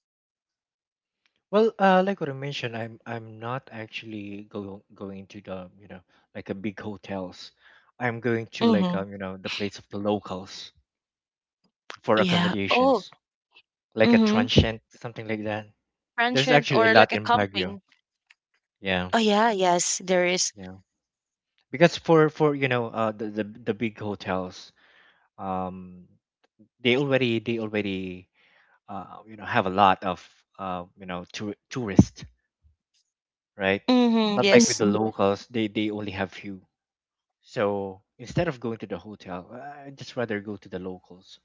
[SPEAKER 2] Well, like what I mentioned, I'm not actually going to the like a big hotels. I'm going to like
[SPEAKER 1] Mm-hmm.
[SPEAKER 2] the place of the locals for
[SPEAKER 1] Yeah. Oh.
[SPEAKER 2] accommodations, like a
[SPEAKER 1] Mm-hmm.
[SPEAKER 2] transient something like that. There's
[SPEAKER 1] Transient
[SPEAKER 2] actually a
[SPEAKER 1] or like
[SPEAKER 2] lot
[SPEAKER 1] a
[SPEAKER 2] in Baguio.
[SPEAKER 1] camping.
[SPEAKER 2] Yeah,
[SPEAKER 1] Oh yeah, yes, there is.
[SPEAKER 2] yeah. Because for uh, the big hotels, um they already uh, have a lot of tourists, right?
[SPEAKER 1] Mm-hmm.
[SPEAKER 2] Not like with
[SPEAKER 1] Yes.
[SPEAKER 2] the Mhm. locals, they only have few. So instead of going to the hotel, I just rather go to the locals.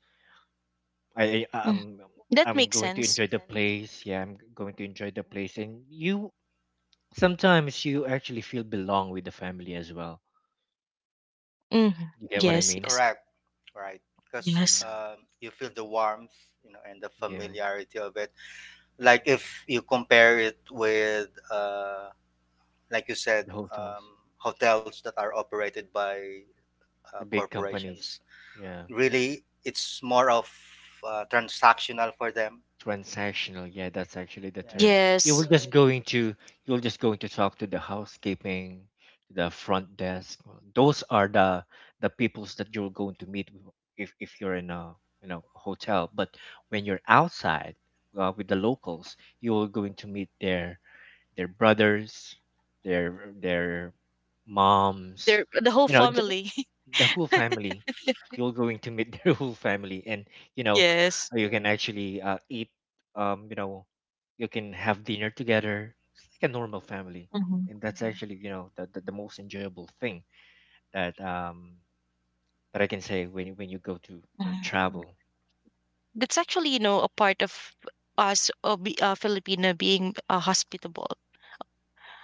[SPEAKER 1] Mm.
[SPEAKER 2] I'm
[SPEAKER 1] That makes
[SPEAKER 2] going to
[SPEAKER 1] sense.
[SPEAKER 2] enjoy the Exactly. place. Yeah, I'm going to enjoy the place. And you sometimes you actually feel belong with the family as well.
[SPEAKER 1] Mm-hmm.
[SPEAKER 2] You get what I
[SPEAKER 1] Yes,
[SPEAKER 2] mean?
[SPEAKER 1] yes,
[SPEAKER 3] correct right because
[SPEAKER 1] yes.
[SPEAKER 2] Mm,
[SPEAKER 3] you feel the warmth you know and the
[SPEAKER 2] yeah.
[SPEAKER 3] familiarity of it like if
[SPEAKER 2] Mhm.
[SPEAKER 3] you compare it with like you said
[SPEAKER 2] The
[SPEAKER 3] um,
[SPEAKER 2] hotels,
[SPEAKER 3] hotels that are operated by
[SPEAKER 2] the big companies.
[SPEAKER 3] corporations
[SPEAKER 2] Yeah.
[SPEAKER 3] really it's more of transactional for them
[SPEAKER 2] Transactional, yeah, that's actually the
[SPEAKER 3] yeah
[SPEAKER 2] term. You will
[SPEAKER 1] Yes.
[SPEAKER 2] just going to, you'll just going to talk to the housekeeping, the front desk. Those are the peoples that you're going to meet if you're in a hotel. But when you're outside, with the locals, you're going to meet their brothers, their their moms,
[SPEAKER 1] They're the whole
[SPEAKER 2] you know
[SPEAKER 1] family.
[SPEAKER 2] the whole family. You're going to meet the whole family. And you know
[SPEAKER 1] Yes.
[SPEAKER 2] you can actually eat, um, you know you can have dinner together. It's like a normal family, and that's actually the, the most enjoyable thing that I can say when you go to
[SPEAKER 1] Mhm.
[SPEAKER 2] travel.
[SPEAKER 1] That's actually, you know, a part of us, Filipino, being hospitable.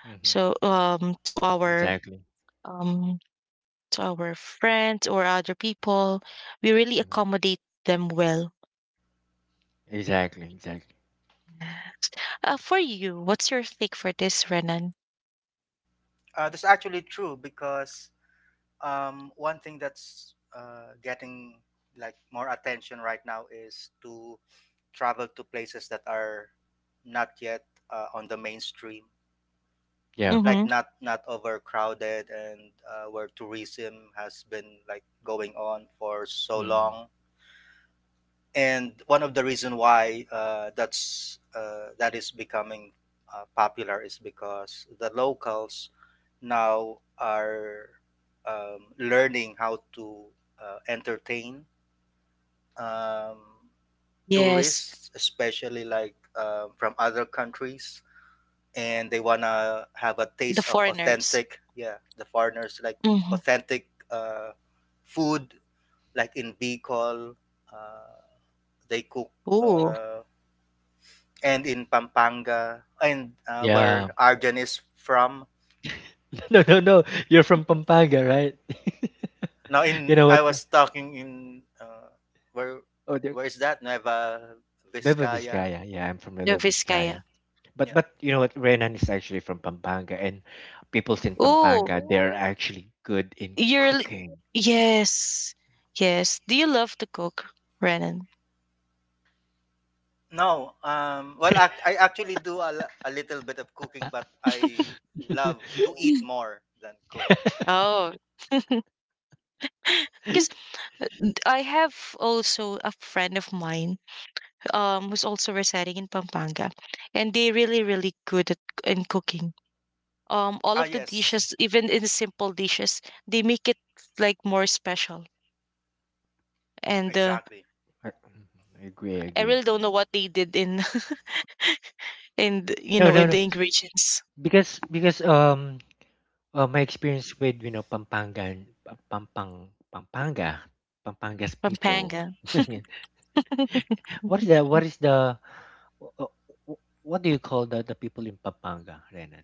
[SPEAKER 2] Hmm.
[SPEAKER 1] So,
[SPEAKER 2] Exactly.
[SPEAKER 1] um, to our friends or other people, we really
[SPEAKER 2] Hmm.
[SPEAKER 1] accommodate them well.
[SPEAKER 2] Exactly. Exactly.
[SPEAKER 1] For you, what's your take for this, Renan?
[SPEAKER 3] that's actually true because one thing that's getting like more attention right now is to travel to places that are not yet on the mainstream
[SPEAKER 2] Yeah.
[SPEAKER 3] like
[SPEAKER 1] Mm-hmm.
[SPEAKER 3] not overcrowded and where tourism has been like going on for so
[SPEAKER 2] Hmm.
[SPEAKER 3] long and one of the reason why that is becoming popular is because the locals now are learning how to entertain um,
[SPEAKER 1] Yes,
[SPEAKER 3] tourists, especially like from other countries, and they wanna have a
[SPEAKER 1] the
[SPEAKER 3] taste of
[SPEAKER 1] foreigners.
[SPEAKER 3] authentic. Yeah, the foreigners like
[SPEAKER 1] Mm-hmm.
[SPEAKER 3] authentic uh, food, like in Bicol, they cook.
[SPEAKER 1] Ooh,
[SPEAKER 3] Uh, and in Pampanga and
[SPEAKER 2] Yeah.
[SPEAKER 3] where Arjan is from.
[SPEAKER 2] No, no, no. You're from Pampanga, right?
[SPEAKER 3] Now
[SPEAKER 2] You
[SPEAKER 3] in
[SPEAKER 2] know
[SPEAKER 3] I
[SPEAKER 2] what,
[SPEAKER 3] was talking in uh, where
[SPEAKER 2] oh, the are
[SPEAKER 3] where is that Nueva
[SPEAKER 2] Nueva
[SPEAKER 3] Vizcaya?
[SPEAKER 2] Vizcaya. Yeah, I'm from
[SPEAKER 1] the
[SPEAKER 2] Nueva Vizcaya.
[SPEAKER 1] Vizcaya.
[SPEAKER 2] But
[SPEAKER 3] Yeah.
[SPEAKER 2] but you know what, Renan is actually from Pampanga, and peoples in
[SPEAKER 1] Ooh,
[SPEAKER 2] Pampanga, they are Oh, actually good in
[SPEAKER 1] you're. li-
[SPEAKER 2] cooking.
[SPEAKER 1] Yes, yes. Do you love to cook, Renan?
[SPEAKER 3] No. Well, I actually do a little bit of cooking, but I love to eat
[SPEAKER 1] Mm.
[SPEAKER 3] more than cook.
[SPEAKER 1] Oh, because I have also a friend of mine who's also residing in Pampanga and they really really good at in cooking. Um, all
[SPEAKER 3] Ah
[SPEAKER 1] of the
[SPEAKER 3] yes,
[SPEAKER 1] dishes even in simple dishes they make it like more special. And
[SPEAKER 3] exactly.
[SPEAKER 2] I I agree, I
[SPEAKER 1] I
[SPEAKER 2] agree.
[SPEAKER 1] really don't know what they did in in the- you
[SPEAKER 2] No,
[SPEAKER 1] know
[SPEAKER 2] no,
[SPEAKER 1] in
[SPEAKER 2] no.
[SPEAKER 1] the ingredients.
[SPEAKER 2] Because my experience with Pampanga, Pampanga's people.
[SPEAKER 1] Pampanga.
[SPEAKER 2] Yeah. What is the, wh- uh, what do you call the people in Pampanga, Renan?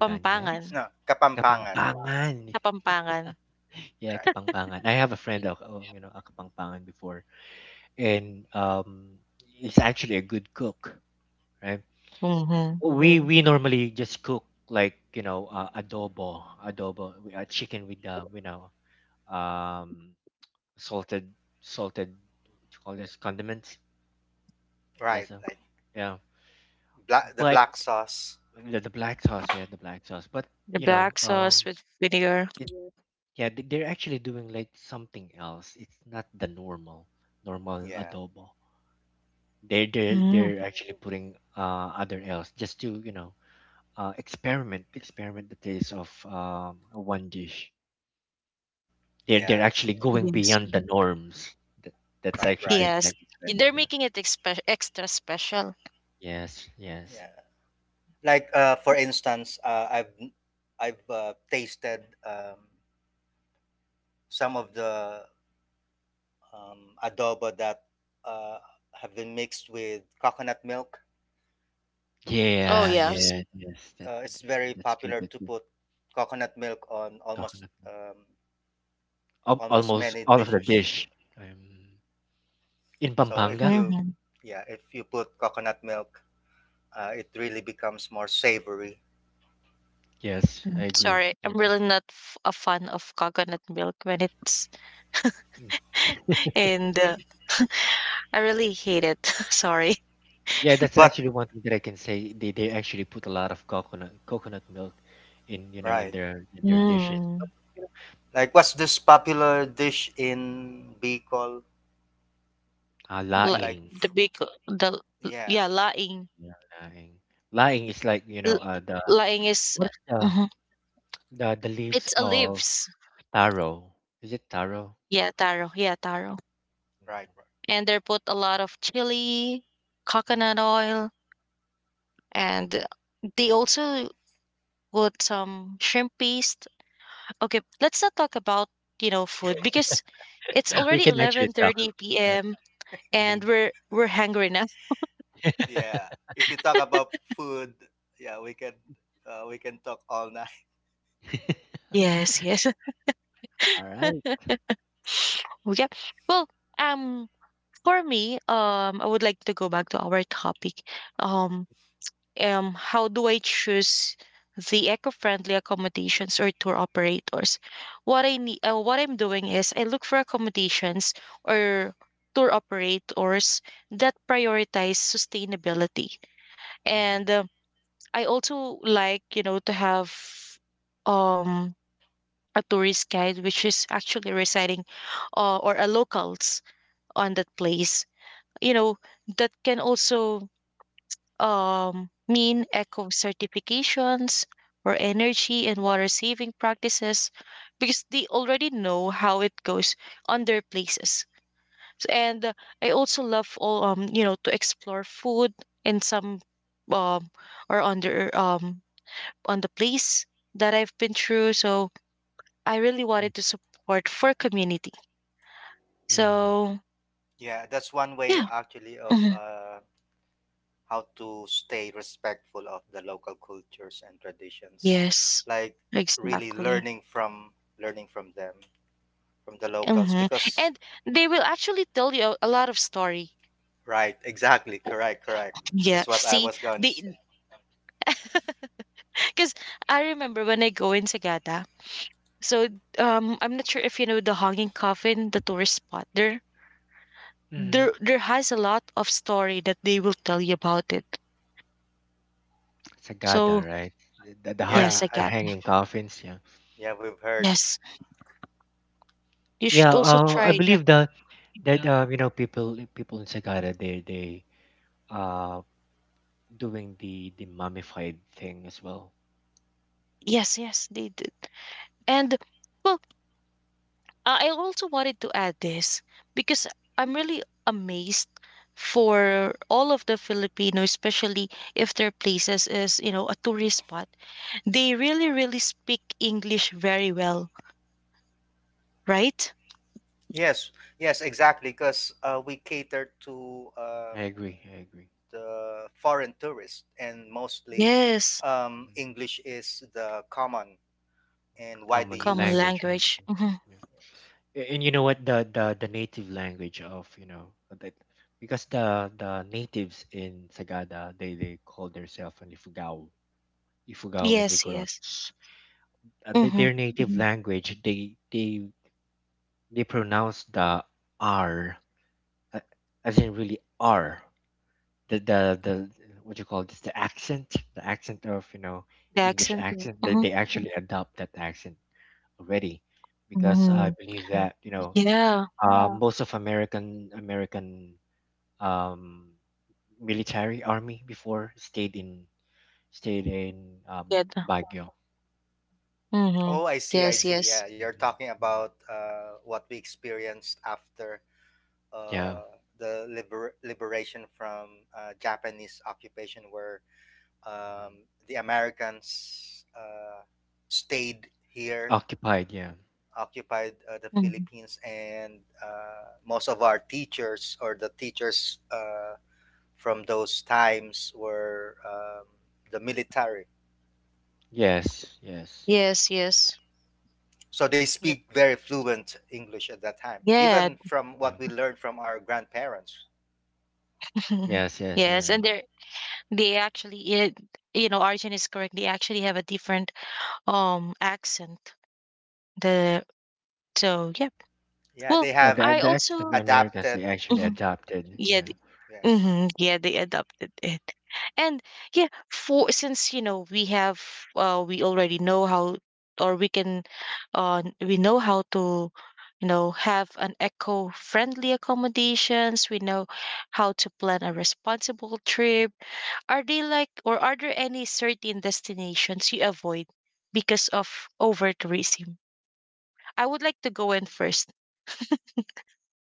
[SPEAKER 1] Pampangan.
[SPEAKER 3] No, kapampangan.
[SPEAKER 2] Kapampangan.
[SPEAKER 1] Kapampangan.
[SPEAKER 2] Yeah,
[SPEAKER 3] Right.
[SPEAKER 2] Kapampangan. I have a friend, of, a Kapampangan before, and he's actually a good cook, right?
[SPEAKER 1] Mm-hmm.
[SPEAKER 2] We Oh. We normally just cook like adobo, chicken with um salted salted, what you call this, condiments? Is that
[SPEAKER 3] Right.
[SPEAKER 2] so?
[SPEAKER 3] Like
[SPEAKER 2] Yeah,
[SPEAKER 3] black the
[SPEAKER 2] but
[SPEAKER 3] black sauce.
[SPEAKER 2] the black sauce, yeah, the black sauce. But
[SPEAKER 1] The
[SPEAKER 2] you know,
[SPEAKER 1] black sauce with vinegar.
[SPEAKER 2] it, yeah, they're actually doing like something else. It's not the normal
[SPEAKER 3] Yeah.
[SPEAKER 2] adobo.
[SPEAKER 1] Mm.
[SPEAKER 2] They're actually putting other else just to experiment the taste of one dish. They're
[SPEAKER 3] Yeah.
[SPEAKER 2] actually going
[SPEAKER 1] Yes.
[SPEAKER 2] beyond the norms. That, that's
[SPEAKER 3] Right.
[SPEAKER 2] actually the
[SPEAKER 3] Right.
[SPEAKER 1] Yes.
[SPEAKER 2] exact term.
[SPEAKER 1] They're making it extra special.
[SPEAKER 2] Yes, yes.
[SPEAKER 3] Yeah. Like for instance, I've tasted um, some of the adobo that uh, have been mixed with coconut milk
[SPEAKER 1] Oh,
[SPEAKER 2] Yeah,
[SPEAKER 1] yes.
[SPEAKER 3] because
[SPEAKER 2] yeah, yes. That,
[SPEAKER 3] it's very
[SPEAKER 2] That's good.
[SPEAKER 3] popular
[SPEAKER 2] That's
[SPEAKER 3] to
[SPEAKER 2] good.
[SPEAKER 3] put coconut milk on
[SPEAKER 2] Coconut milk.
[SPEAKER 3] almost
[SPEAKER 2] Almost
[SPEAKER 3] many
[SPEAKER 2] all of the
[SPEAKER 3] dishes.
[SPEAKER 2] dish. Um, in
[SPEAKER 3] So if
[SPEAKER 2] Pampanga.
[SPEAKER 3] you,
[SPEAKER 1] Hmm.
[SPEAKER 3] yeah, if you put coconut milk, it really becomes more savory.
[SPEAKER 2] Yes, I agree.
[SPEAKER 1] Sorry, I'm
[SPEAKER 2] I
[SPEAKER 1] really not a fan of coconut milk when it's
[SPEAKER 2] agree.
[SPEAKER 1] and I really hate it. Sorry.
[SPEAKER 2] Yeah, that's
[SPEAKER 3] But
[SPEAKER 2] actually one thing that I can say. They actually put a lot of coconut milk in
[SPEAKER 3] right,
[SPEAKER 2] in their dishes. But,
[SPEAKER 1] Mm.
[SPEAKER 2] you
[SPEAKER 3] like what's this popular dish in Bicol,
[SPEAKER 1] Like
[SPEAKER 3] like
[SPEAKER 2] laing,
[SPEAKER 1] the
[SPEAKER 3] f-
[SPEAKER 1] big the
[SPEAKER 3] yeah.
[SPEAKER 1] yeah, laing.
[SPEAKER 2] yeah, laing, laing is like
[SPEAKER 1] L-
[SPEAKER 2] the,
[SPEAKER 1] Laing is
[SPEAKER 2] what's the,
[SPEAKER 1] mhm,
[SPEAKER 2] the leaves
[SPEAKER 1] it's a
[SPEAKER 2] of
[SPEAKER 1] leaves.
[SPEAKER 2] taro? Is it taro?
[SPEAKER 1] Yeah, taro. Yeah, taro.
[SPEAKER 3] Right,
[SPEAKER 2] Mhm.
[SPEAKER 3] right.
[SPEAKER 1] And they put a lot of chili, coconut oil, and they also put some shrimp paste. Okay, let's not talk about, you know, food because it's
[SPEAKER 2] We
[SPEAKER 1] already
[SPEAKER 2] can actually tell.
[SPEAKER 1] 11:30
[SPEAKER 2] Uh,
[SPEAKER 1] p.m.
[SPEAKER 2] mhm.
[SPEAKER 1] and we're hungry now.
[SPEAKER 3] Yeah. If you talk about food, yeah, we can talk all night.
[SPEAKER 1] Yes, yes.
[SPEAKER 2] All right.
[SPEAKER 1] Okay. Well, um for me, um, I would like to go back to our topic. Um how do I choose the eco-friendly accommodations or tour operators? What I need, what I'm doing is I look for accommodations or tour operators that prioritize sustainability,
[SPEAKER 2] Mm-hmm.
[SPEAKER 1] and um, I also like you know to have um a tourist guide which is actually residing or a locals on that place. You know that can also mean eco certifications or energy and water saving practices because they already know how it goes on their places. So, and I also love all you know to explore food in some um or under on the place that I've been through. So I really wanted to support for community. So
[SPEAKER 3] Yeah, that's one way
[SPEAKER 1] yeah,
[SPEAKER 3] actually of
[SPEAKER 1] Mhm.
[SPEAKER 3] how to stay respectful of the local cultures and traditions,
[SPEAKER 1] yes,
[SPEAKER 3] like really
[SPEAKER 1] exactly.
[SPEAKER 3] learning from them from the locals
[SPEAKER 1] Hmm.
[SPEAKER 3] because
[SPEAKER 1] And they will actually tell you a lot of story.
[SPEAKER 3] right exactly, correct, correct,
[SPEAKER 1] Yeah,
[SPEAKER 3] that's what I
[SPEAKER 1] see,
[SPEAKER 3] was going to say.
[SPEAKER 1] the, because I remember when I go in Sagada. So I'm not sure if you know the Hanging Coffin, the tourist spot.
[SPEAKER 2] Mm-hmm.
[SPEAKER 1] There has a lot of story that they will tell you about it.
[SPEAKER 2] Sagada,
[SPEAKER 1] So
[SPEAKER 2] right?
[SPEAKER 3] Yeah,
[SPEAKER 1] yes,
[SPEAKER 3] I
[SPEAKER 2] The
[SPEAKER 1] Sagada.
[SPEAKER 2] hanging coffins, yeah.
[SPEAKER 3] Yeah, we've heard.
[SPEAKER 1] Yes, you should
[SPEAKER 2] Yeah,
[SPEAKER 1] also
[SPEAKER 2] I
[SPEAKER 1] try the.
[SPEAKER 2] believe the, that people in Sagada, they uh doing the mummified thing as well.
[SPEAKER 1] Yes, yes, they did. And well, uh, I also wanted to add this because I'm really amazed for all of the Filipinos, especially if their places is, you know, a tourist spot. They really, really speak English very well, right?
[SPEAKER 3] Yes, yes, exactly, because we cater to
[SPEAKER 2] I agree. I agree.
[SPEAKER 3] the foreign tourists, and mostly
[SPEAKER 1] Yes,
[SPEAKER 2] Hmm.
[SPEAKER 3] English is the common and widely
[SPEAKER 2] Common
[SPEAKER 1] common
[SPEAKER 3] used.
[SPEAKER 2] language, right?
[SPEAKER 1] language. Hmm.
[SPEAKER 2] Yeah.
[SPEAKER 3] Yes.
[SPEAKER 2] And you know what? The the native language of that, because the natives in Sagada, they call themselves an Ifugao, Ifugao and
[SPEAKER 1] Yes, yes.
[SPEAKER 2] Igorots. Their
[SPEAKER 1] Hmm.
[SPEAKER 2] native Mhm. language, they pronounce the R, uh, as in really R. The, the what you call this, the accent, the accent of
[SPEAKER 1] The
[SPEAKER 2] english, Yeah.
[SPEAKER 1] accent.
[SPEAKER 2] accent,
[SPEAKER 1] Hmm.
[SPEAKER 2] they actually adopt that accent already, because I
[SPEAKER 1] Hmm.
[SPEAKER 2] believe Mm. that
[SPEAKER 1] Yeah,
[SPEAKER 2] Yeah. most of american, um military army before, stayed in stayed in
[SPEAKER 1] get.
[SPEAKER 2] Baguio.
[SPEAKER 1] Hmm.
[SPEAKER 3] Oh, I see, I
[SPEAKER 1] Yes,
[SPEAKER 2] Yeah.
[SPEAKER 3] see.
[SPEAKER 1] yes.
[SPEAKER 3] Yeah, you're talking
[SPEAKER 2] Hmm.
[SPEAKER 3] about what we experienced after
[SPEAKER 2] Yeah.
[SPEAKER 3] uh, the liberation from Japanese occupation, where
[SPEAKER 2] Hmm.
[SPEAKER 3] um, the Americans stayed here,
[SPEAKER 2] Occupied, yeah.
[SPEAKER 3] occupied the
[SPEAKER 1] Hmm.
[SPEAKER 3] Philippines, and most of our teachers or the teachers' from those times were the military.
[SPEAKER 2] Yes, yes.
[SPEAKER 1] Yes, yes.
[SPEAKER 3] So they
[SPEAKER 1] Yep.
[SPEAKER 3] speak very fluent English at that time,
[SPEAKER 1] Yeah.
[SPEAKER 3] even from
[SPEAKER 2] Yeah.
[SPEAKER 3] what we learned from our grandparents.
[SPEAKER 2] Yes, yes, you're
[SPEAKER 1] Yes, and
[SPEAKER 2] right.
[SPEAKER 1] they're they actually it, you know Arjun is correct they actually have a different accent the so yeah
[SPEAKER 3] Yeah,
[SPEAKER 1] well
[SPEAKER 3] they
[SPEAKER 2] Yeah,
[SPEAKER 3] have
[SPEAKER 1] I
[SPEAKER 2] the
[SPEAKER 1] also
[SPEAKER 2] accent of the americans,
[SPEAKER 3] adapted.
[SPEAKER 2] they actually
[SPEAKER 1] Mhm.
[SPEAKER 2] adopted,
[SPEAKER 1] yeah
[SPEAKER 2] yeah.
[SPEAKER 1] th-
[SPEAKER 3] Yes.
[SPEAKER 1] mhm, yeah they adopted it and yeah for since you know we have we already know how or we can we know how to you know have an eco friendly accommodations we know how to plan a responsible trip. Are they like, or are there any certain destinations you avoid because of over tourism? I would like to go in first.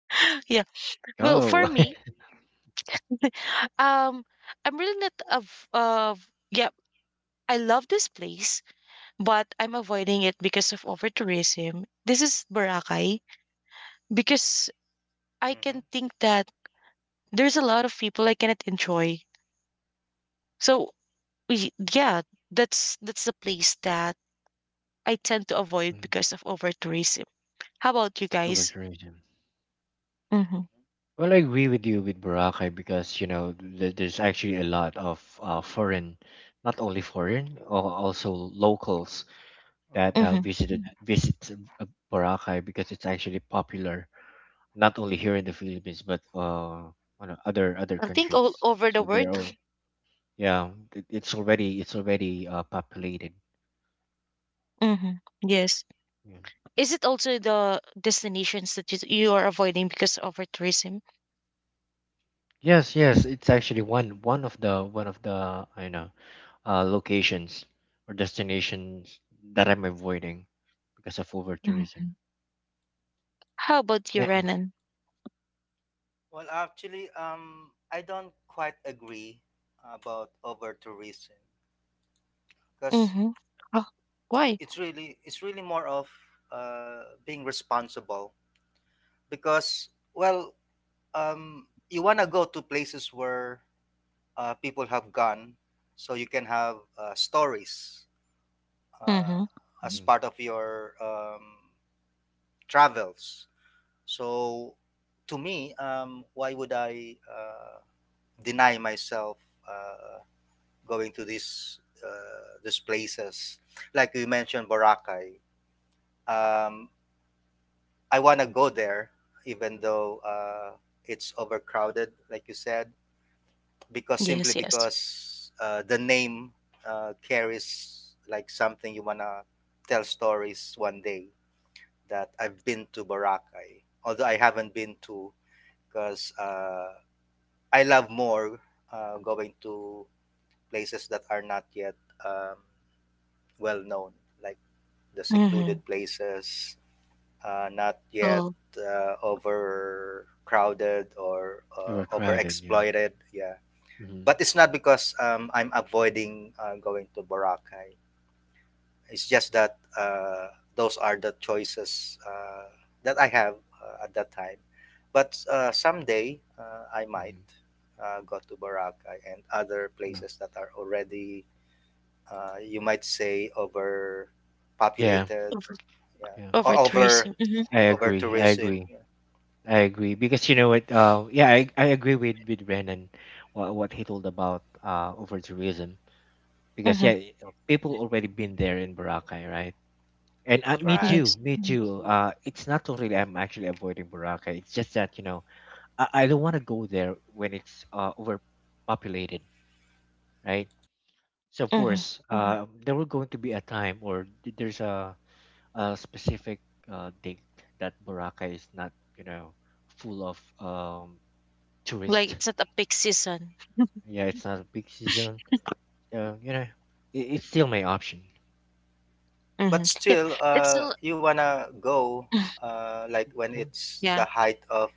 [SPEAKER 1] Yeah. Well, for
[SPEAKER 2] Oh,
[SPEAKER 1] me, um, I'm really not of of yeah. I love this place, but I'm avoiding it because of over tourism. This is Boracay because I can
[SPEAKER 3] Mm-hmm.
[SPEAKER 1] think that there's a lot of people I cannot enjoy. So yeah, that's the place that I tend to avoid
[SPEAKER 2] Mhm.
[SPEAKER 1] because of over tourism. How about you guys?
[SPEAKER 2] overtourism.
[SPEAKER 1] Mm-hmm.
[SPEAKER 3] Mm-hmm.
[SPEAKER 2] Well, I agree with you with Boracay because there's actually a lot of foreign, not only foreign, or also locals
[SPEAKER 3] Mm-hmm.
[SPEAKER 2] that
[SPEAKER 1] Mm-hmm.
[SPEAKER 2] visited Mm. visits, uh, Boracay because it's actually popular not only here in the Philippines but on other
[SPEAKER 1] I think all
[SPEAKER 2] countries.
[SPEAKER 1] over the
[SPEAKER 2] So they're
[SPEAKER 1] world.
[SPEAKER 2] all, yeah, it's already populated.
[SPEAKER 1] Mm-hmm. Yes.
[SPEAKER 2] Yeah.
[SPEAKER 1] Is it also the destinations that you are avoiding because of over tourism?
[SPEAKER 2] Yes, yes, it's actually one of the I know locations or destinations that I'm avoiding because of over tourism.
[SPEAKER 1] Mm-hmm. How about you,
[SPEAKER 2] Yeah.
[SPEAKER 1] Renan?
[SPEAKER 3] Well, actually, I don't quite agree about over tourism because
[SPEAKER 1] Mm-hmm. Oh, why?
[SPEAKER 3] it's really more of being responsible because, well um, you want to go to places where people have gone, so you can have stories uh,
[SPEAKER 1] Mm-hmm.
[SPEAKER 3] as
[SPEAKER 2] Mm-hmm.
[SPEAKER 3] part of your travels. So, to me, why would I deny myself uh, going to these places? Like you mentioned, Boracay. Um, I want to go there, even though it's overcrowded, like you said, because simply
[SPEAKER 1] Yes, yes.
[SPEAKER 3] because the name carries like something you wanna tell stories one day that I've been to Boracay, although I haven't been to, because I love more going to places that are not yet um, well known, like the
[SPEAKER 1] Mm-hmm.
[SPEAKER 3] secluded places, not yet
[SPEAKER 1] Oh,
[SPEAKER 3] overcrowded or
[SPEAKER 2] Overcrowded, yeah.
[SPEAKER 3] overexploited. Yeah,
[SPEAKER 2] hmm
[SPEAKER 3] but it's not because I'm avoiding going to Boracay. It's just that those are the choices that I have at that time. But someday I might
[SPEAKER 2] hmm
[SPEAKER 3] go to Boracay and other
[SPEAKER 2] Well,
[SPEAKER 3] places that are already, you might say,
[SPEAKER 2] yeah,
[SPEAKER 3] overpopulated,
[SPEAKER 1] over
[SPEAKER 3] yeah,
[SPEAKER 2] yeah.
[SPEAKER 1] over
[SPEAKER 3] or
[SPEAKER 1] tourism. Hmm.
[SPEAKER 2] I
[SPEAKER 3] over
[SPEAKER 2] agree. I
[SPEAKER 3] tourism.
[SPEAKER 2] agree.
[SPEAKER 3] Yeah.
[SPEAKER 2] I agree because you know what? Yeah, I agree with Brennan what he told about over tourism, because
[SPEAKER 1] Mm-hmm.
[SPEAKER 2] yeah, people already been there in Boracay, right? And
[SPEAKER 3] Right.
[SPEAKER 1] Yes,
[SPEAKER 2] me Mm. too. It's not totally I'm actually avoiding Boracay. It's just that I don't want to go there when it's overpopulated, right? So of
[SPEAKER 1] Mm-hmm.
[SPEAKER 2] course, Mm-hmm. There will going to be a time, or there's a specific date that Boracay is not, you know, full of um,
[SPEAKER 1] like
[SPEAKER 2] tourists.
[SPEAKER 1] it's not a peak season.
[SPEAKER 2] Yeah, it's not a peak season. Uh, you know, it's still my option.
[SPEAKER 3] But
[SPEAKER 1] Hmm. Yep,
[SPEAKER 3] still,
[SPEAKER 1] it's still
[SPEAKER 3] you wanna go like when
[SPEAKER 2] Yeah,
[SPEAKER 3] it's the
[SPEAKER 1] yeah.
[SPEAKER 3] height of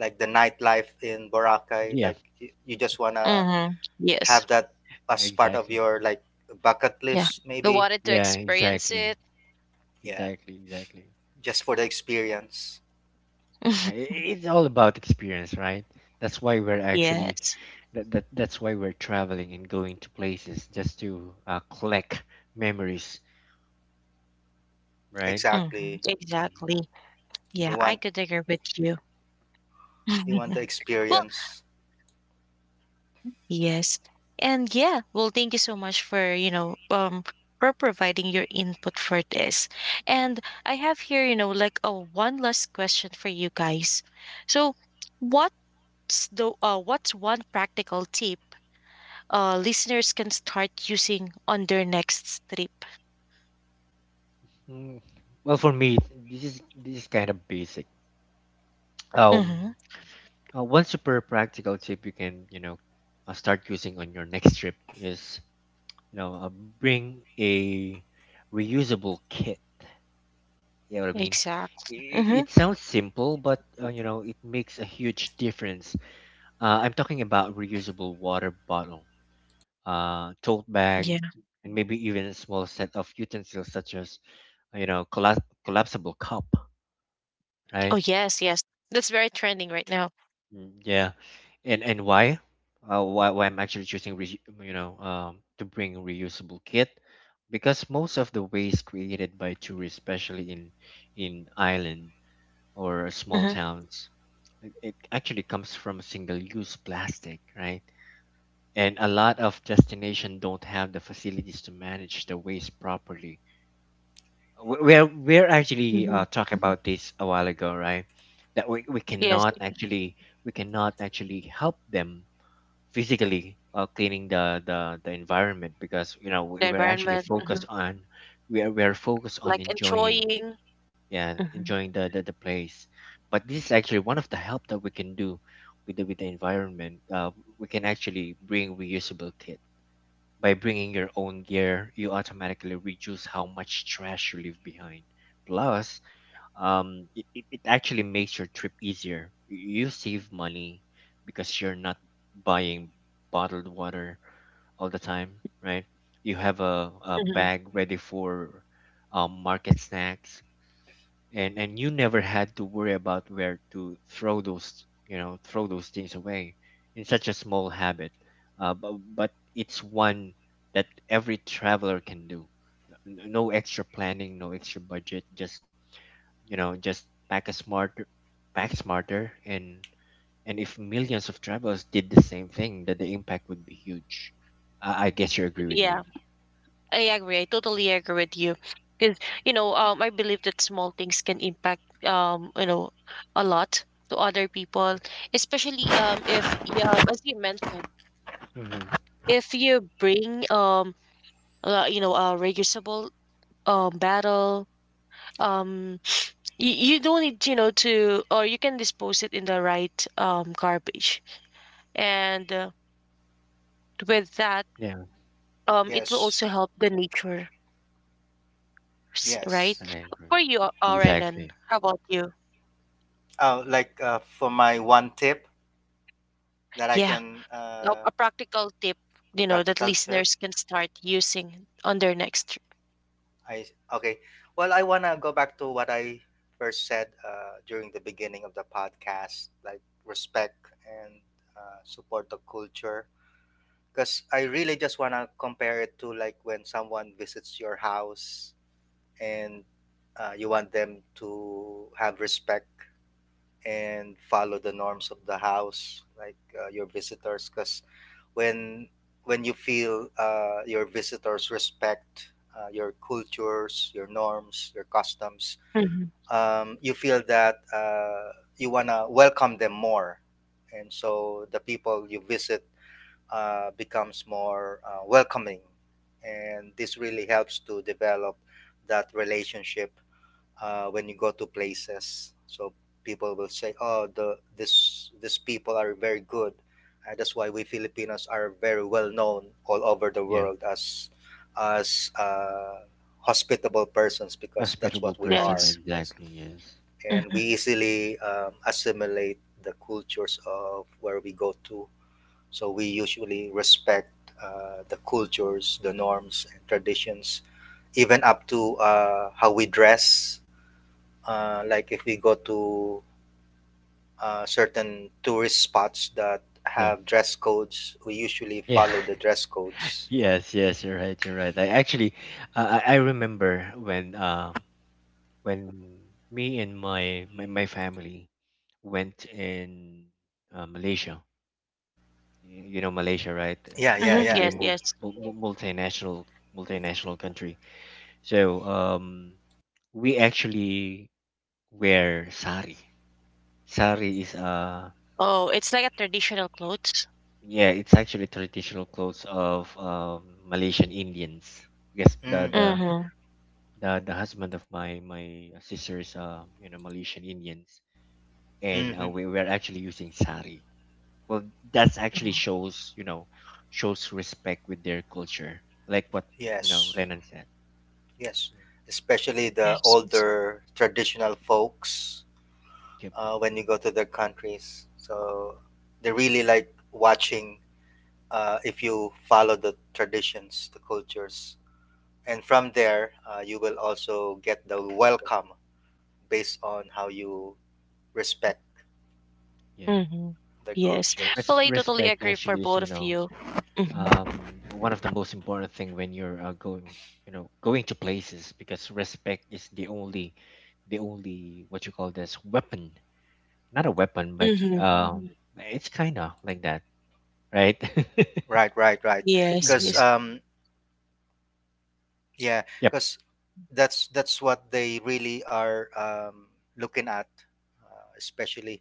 [SPEAKER 3] like the nightlife in Boracay.
[SPEAKER 2] yeah,
[SPEAKER 3] Like you just wanna
[SPEAKER 1] Mm-hmm.
[SPEAKER 3] have
[SPEAKER 1] Yes.
[SPEAKER 3] that as part of
[SPEAKER 2] exactly.
[SPEAKER 3] your like bucket
[SPEAKER 1] Yeah.
[SPEAKER 3] list,
[SPEAKER 1] Who
[SPEAKER 3] maybe.
[SPEAKER 1] wanted to
[SPEAKER 2] Yeah,
[SPEAKER 1] experience it?
[SPEAKER 2] exactly,
[SPEAKER 3] Yeah,
[SPEAKER 2] exactly, exactly.
[SPEAKER 3] just for the experience.
[SPEAKER 2] Yeah, it's all about experience, right? That's why we're actually,
[SPEAKER 1] Yes.
[SPEAKER 2] that, that's why we're traveling and going to places just to collect memories, right?
[SPEAKER 1] Mhm.
[SPEAKER 3] Exactly.
[SPEAKER 1] Exactly.
[SPEAKER 3] You
[SPEAKER 1] Yeah,
[SPEAKER 3] want
[SPEAKER 1] I could agree with you.
[SPEAKER 3] you want the
[SPEAKER 1] Well,
[SPEAKER 3] experience.
[SPEAKER 1] yes. And yeah, well, thank you so much for, you know, for providing your input for this. And I have here, you know, like a one last question for you guys. So, what's the what's one practical tip listeners can start using on their next trip?
[SPEAKER 2] Mm. Well, for me, this is kind of basic. um
[SPEAKER 1] Mm-hmm.
[SPEAKER 2] One super practical tip you can start using on your next trip is you know uh, bring a reusable kit, you know what I mean?
[SPEAKER 1] Exactly.
[SPEAKER 2] it,
[SPEAKER 1] Mm-hmm.
[SPEAKER 2] it sounds simple, but you know, it makes a huge difference. I'm talking about reusable water bottle, tote bag, and maybe even a small set of utensils such as, you know, collapsible cup,
[SPEAKER 1] Oh,
[SPEAKER 2] right?
[SPEAKER 1] yes, yes. That's very trending right now.
[SPEAKER 2] Mm, yeah, and why? Why I'm actually choosing to bring reusable kit, because most of the waste created by tourists, especially in island or small
[SPEAKER 1] Mhm,
[SPEAKER 2] towns, it actually comes from single-use plastic, right? And a lot of destinations don't have the facilities to manage the waste properly. We're actually
[SPEAKER 1] mhm.
[SPEAKER 2] talk about this a while ago, right? That we
[SPEAKER 1] Yes,
[SPEAKER 2] cannot actually, we cannot actually help them physically, cleaning the environment, because you know we,
[SPEAKER 1] the
[SPEAKER 2] we're actually
[SPEAKER 1] environment, mhm,
[SPEAKER 2] focused on, we are focused on
[SPEAKER 1] like
[SPEAKER 2] enjoying,
[SPEAKER 1] enjoying.
[SPEAKER 2] yeah,
[SPEAKER 1] Mhm,
[SPEAKER 2] enjoying the place. But this is actually one of the help that we can do with the environment. We can actually bring reusable kit. By bringing your own gear, you automatically reduce how much trash you leave behind. Plus, it actually makes your trip easier. You save money because you're not buying bottled water all the time, right? You have a
[SPEAKER 1] mhm.
[SPEAKER 2] bag ready for market snacks, and you never had to worry about where to throw those, throw those things away. In such a small habit, but it's one that every traveler can do. No extra planning, no extra budget, just pack a smarter pack smarter. And if millions of travelers did the same thing, that the impact would be huge. I guess you agree with
[SPEAKER 1] Yeah,
[SPEAKER 2] me.
[SPEAKER 1] I agree. I totally agree with you. Because, you know, I believe that small things can impact, you know, a lot to other people, especially if, y- as you mentioned,
[SPEAKER 2] Hmm,
[SPEAKER 1] if you bring, you know, a reusable battle, um, you, you don't need you know to or you can dispose it in the right garbage and with that
[SPEAKER 2] yeah,
[SPEAKER 1] it will
[SPEAKER 3] Yes.
[SPEAKER 1] also help the nature
[SPEAKER 3] Yes.
[SPEAKER 2] I
[SPEAKER 1] right.
[SPEAKER 2] agree.
[SPEAKER 1] For you Renan,
[SPEAKER 2] Exactly.
[SPEAKER 1] how about you?
[SPEAKER 3] Oh, like for my one tip that I
[SPEAKER 1] Yeah,
[SPEAKER 3] can
[SPEAKER 1] a, a practical tip you know that
[SPEAKER 3] practical tip.
[SPEAKER 1] listeners can start using on their next trip.
[SPEAKER 3] I Okay. Well, I wanna go back to what I first said during the beginning of the podcast, like respect and support the culture, because I really just want to compare it to like when someone visits your house and you want them to have respect and follow the norms of the house, like your visitors. Because when when you feel your visitors respect your cultures, your norms, your customs,
[SPEAKER 1] Mhm.
[SPEAKER 3] you feel that you wanna welcome them more, and so the people you visit becomes more welcoming. And this really helps to develop that relationship when you go to places. So people will say, "Oh, the this these people are very good." That's why we Filipinos are very well known all over the
[SPEAKER 2] Yeah.
[SPEAKER 3] world as hospitable persons because that's
[SPEAKER 2] Hospitable
[SPEAKER 3] what we are.
[SPEAKER 2] person,
[SPEAKER 1] Yes.
[SPEAKER 3] Yes,
[SPEAKER 2] exactly. Yes.
[SPEAKER 3] and we
[SPEAKER 1] Hmm.
[SPEAKER 3] easily assimilate the cultures of where we go to, so we usually respect the cultures, the norms, and traditions, even up to how we dress. Like if we go to certain tourist spots that
[SPEAKER 2] Yeah.
[SPEAKER 3] have dress codes, we usually
[SPEAKER 2] Yeah.
[SPEAKER 3] follow the dress codes.
[SPEAKER 2] Yes, yes, you're right, you're right. I actually, I remember when when me and my family went in Malaysia. You know Malaysia, right?
[SPEAKER 3] Yeah,
[SPEAKER 2] It's
[SPEAKER 3] yeah,
[SPEAKER 1] Hmm.
[SPEAKER 3] yeah.
[SPEAKER 2] actually a
[SPEAKER 1] Yes, yes.
[SPEAKER 2] multinational, multinational country. So we actually wear sari. Sari is
[SPEAKER 1] Oh, it's like a traditional clothes.
[SPEAKER 2] yeah, it's actually traditional clothes of Malaysian Indians. Yes, the
[SPEAKER 3] Mm,
[SPEAKER 2] the
[SPEAKER 1] Mm-hmm.
[SPEAKER 2] the the husband of my sister's, Malaysian Indians, and
[SPEAKER 3] hmm.
[SPEAKER 2] we were actually using sari. Well, that's actually
[SPEAKER 1] Oh,
[SPEAKER 2] shows, you know, shows respect with their culture, like what, you know,
[SPEAKER 3] Yes,
[SPEAKER 2] Renan said.
[SPEAKER 3] yes.
[SPEAKER 2] Yeah.
[SPEAKER 3] Especially the
[SPEAKER 1] yes, yes.
[SPEAKER 3] older traditional folks
[SPEAKER 2] Yep.
[SPEAKER 3] when you go to their countries. So they really like watching if you follow the traditions, the cultures. And from there, you will also get the welcome based on how you respect
[SPEAKER 2] Yeah.
[SPEAKER 1] Hmm.
[SPEAKER 3] the
[SPEAKER 1] Yes,
[SPEAKER 2] Yeah.
[SPEAKER 3] cultures.
[SPEAKER 1] well, I totally
[SPEAKER 2] Respect
[SPEAKER 1] agree for
[SPEAKER 2] actually is,
[SPEAKER 1] both
[SPEAKER 2] you
[SPEAKER 1] of
[SPEAKER 2] know,
[SPEAKER 1] you. Mhm.
[SPEAKER 2] one of the most important thing when you're going, you know, going to places, because respect is the only, the only, what you call this, weapon, not a weapon, but
[SPEAKER 1] Hmm.
[SPEAKER 2] mhm, it's kind of like that, right?
[SPEAKER 3] Right, right, right.
[SPEAKER 1] Yes,
[SPEAKER 3] Because,
[SPEAKER 1] yes.
[SPEAKER 2] Mhm.
[SPEAKER 3] yeah,
[SPEAKER 2] Yep.
[SPEAKER 3] because that's what they really are looking at, especially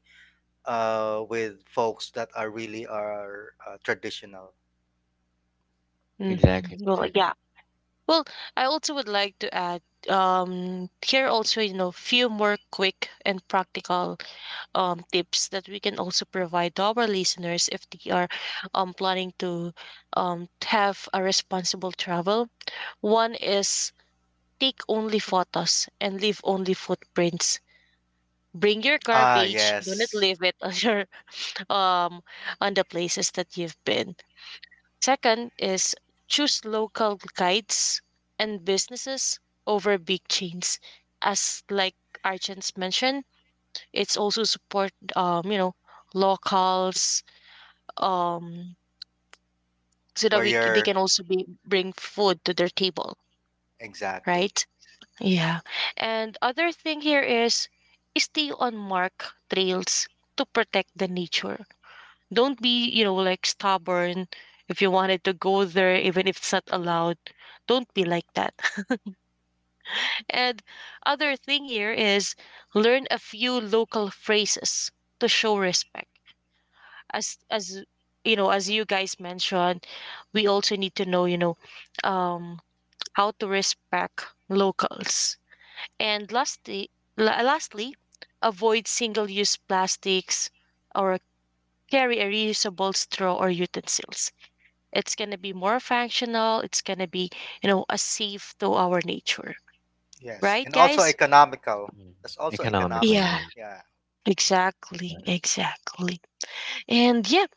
[SPEAKER 3] with folks that are really are traditional.
[SPEAKER 1] Mhm.
[SPEAKER 2] Exactly,
[SPEAKER 1] Well,
[SPEAKER 2] exactly.
[SPEAKER 1] yeah. Well, I also would like to add here also, you know, few more quick and practical tips that we can also provide to our listeners if they are planning to have a responsible travel. One is take only photos and leave only footprints. Bring your
[SPEAKER 3] Ah,
[SPEAKER 1] garbage, do not
[SPEAKER 3] yes,
[SPEAKER 1] leave it on your um on the places that you've been. Second is choose local guides and businesses over big chains. As like Archens mentioned, it's also support you know, locals um so that
[SPEAKER 3] where
[SPEAKER 1] we they
[SPEAKER 3] you're
[SPEAKER 1] can also be bring food to their table,
[SPEAKER 3] exactly.
[SPEAKER 1] right? Yeah. And other thing here is stay on mark trails to protect the nature. Don't be, you know, like stubborn if you wanted to go there, even if it's not allowed. Don't be like that. And other thing here is learn a few local phrases to show respect. As you know, as you guys mentioned, we also need to know, you know, um, how to respect locals. And lastly, lastly, avoid single-use plastics or carry a reusable straw or utensils. It's going to be more functional. It's going to be, you know, a safe to our nature.
[SPEAKER 3] Yes,
[SPEAKER 1] Right,
[SPEAKER 3] and also
[SPEAKER 1] guys?
[SPEAKER 3] economical.
[SPEAKER 2] Mhm.
[SPEAKER 3] That's also
[SPEAKER 2] Economical,
[SPEAKER 3] economical.
[SPEAKER 1] Yeah,
[SPEAKER 2] yeah.
[SPEAKER 3] Yeah.
[SPEAKER 2] Mm, you
[SPEAKER 1] exactly,
[SPEAKER 2] got it.
[SPEAKER 1] exactly. And yeah,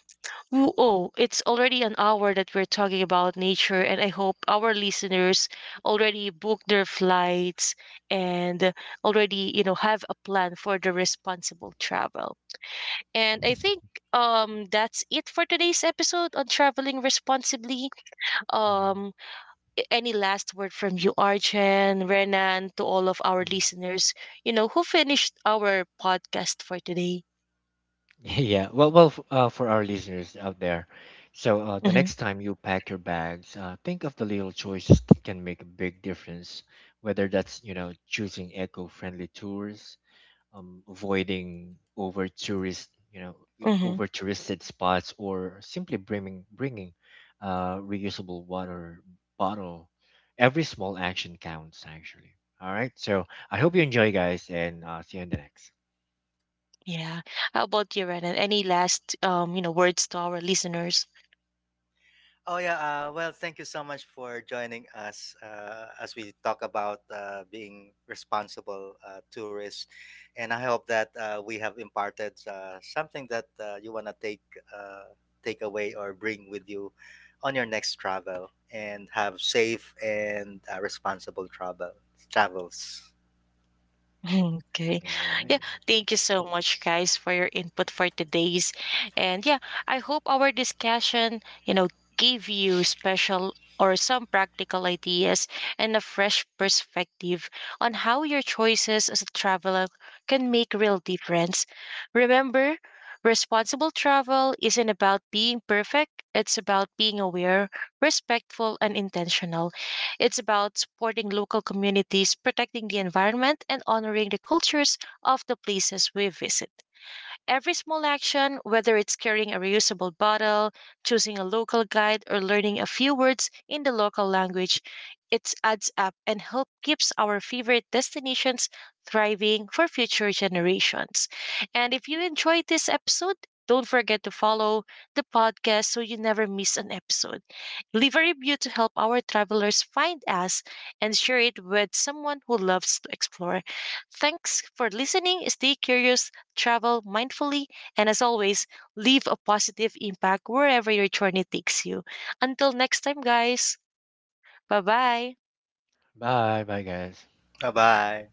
[SPEAKER 1] oh, it's already an hour that we're talking about nature, and I hope our listeners already booked their flights and already, you know, have a plan for the responsible travel. And I think that's it for today's episode on traveling responsibly.
[SPEAKER 2] Mhm.
[SPEAKER 1] Um, any last word from you, Archen, Renan, to all of our
[SPEAKER 2] Mhm.
[SPEAKER 1] listeners, you know, who finished our podcast for today?
[SPEAKER 2] Yeah, well, well, for our listeners out there, so the
[SPEAKER 1] Hmm.
[SPEAKER 2] next time you pack your bags, think of the little choices that can make a big difference. Whether that's, you know, choosing eco-friendly tours, avoiding
[SPEAKER 1] Hmm.
[SPEAKER 2] over touristed spots, or simply bringing reusable water bottle. Every small action counts, actually. All right, so I hope you enjoy, guys, and see you in the next.
[SPEAKER 1] Yeah. How about you, Renan? Any last, you know, words to our listeners?
[SPEAKER 3] Oh yeah. Well, thank you so much for joining us as we talk about being responsible tourists, and I hope that we have imparted something that you wanna take uh, take away or bring with you on your next travel, and have safe and responsible travels.
[SPEAKER 1] Okay.
[SPEAKER 2] All right,
[SPEAKER 1] Yeah. Thank you so much, guys, for your input for today's. And yeah, I hope our discussion, you know, gave you special or some practical ideas and a fresh perspective on how your choices as a traveler can make real difference. Remember, responsible travel isn't about being perfect, it's about being aware, respectful, and intentional. It's about supporting local communities, protecting the environment, and honoring the cultures of the places we visit. Every small action, whether it's carrying a reusable bottle, choosing a local guide, or learning a few words in the local language, it adds up and help keeps our favorite destinations thriving for future generations. And if you enjoyed this episode, don't forget to follow the podcast so you never miss an episode. Leave a review to help our travelers find us and share it with someone who loves to explore. Thanks for listening. Stay curious, travel mindfully, and as always, leave a positive impact wherever your journey takes you. Until next time, guys, bye bye.
[SPEAKER 2] bye, bye, guys.
[SPEAKER 3] Bye bye.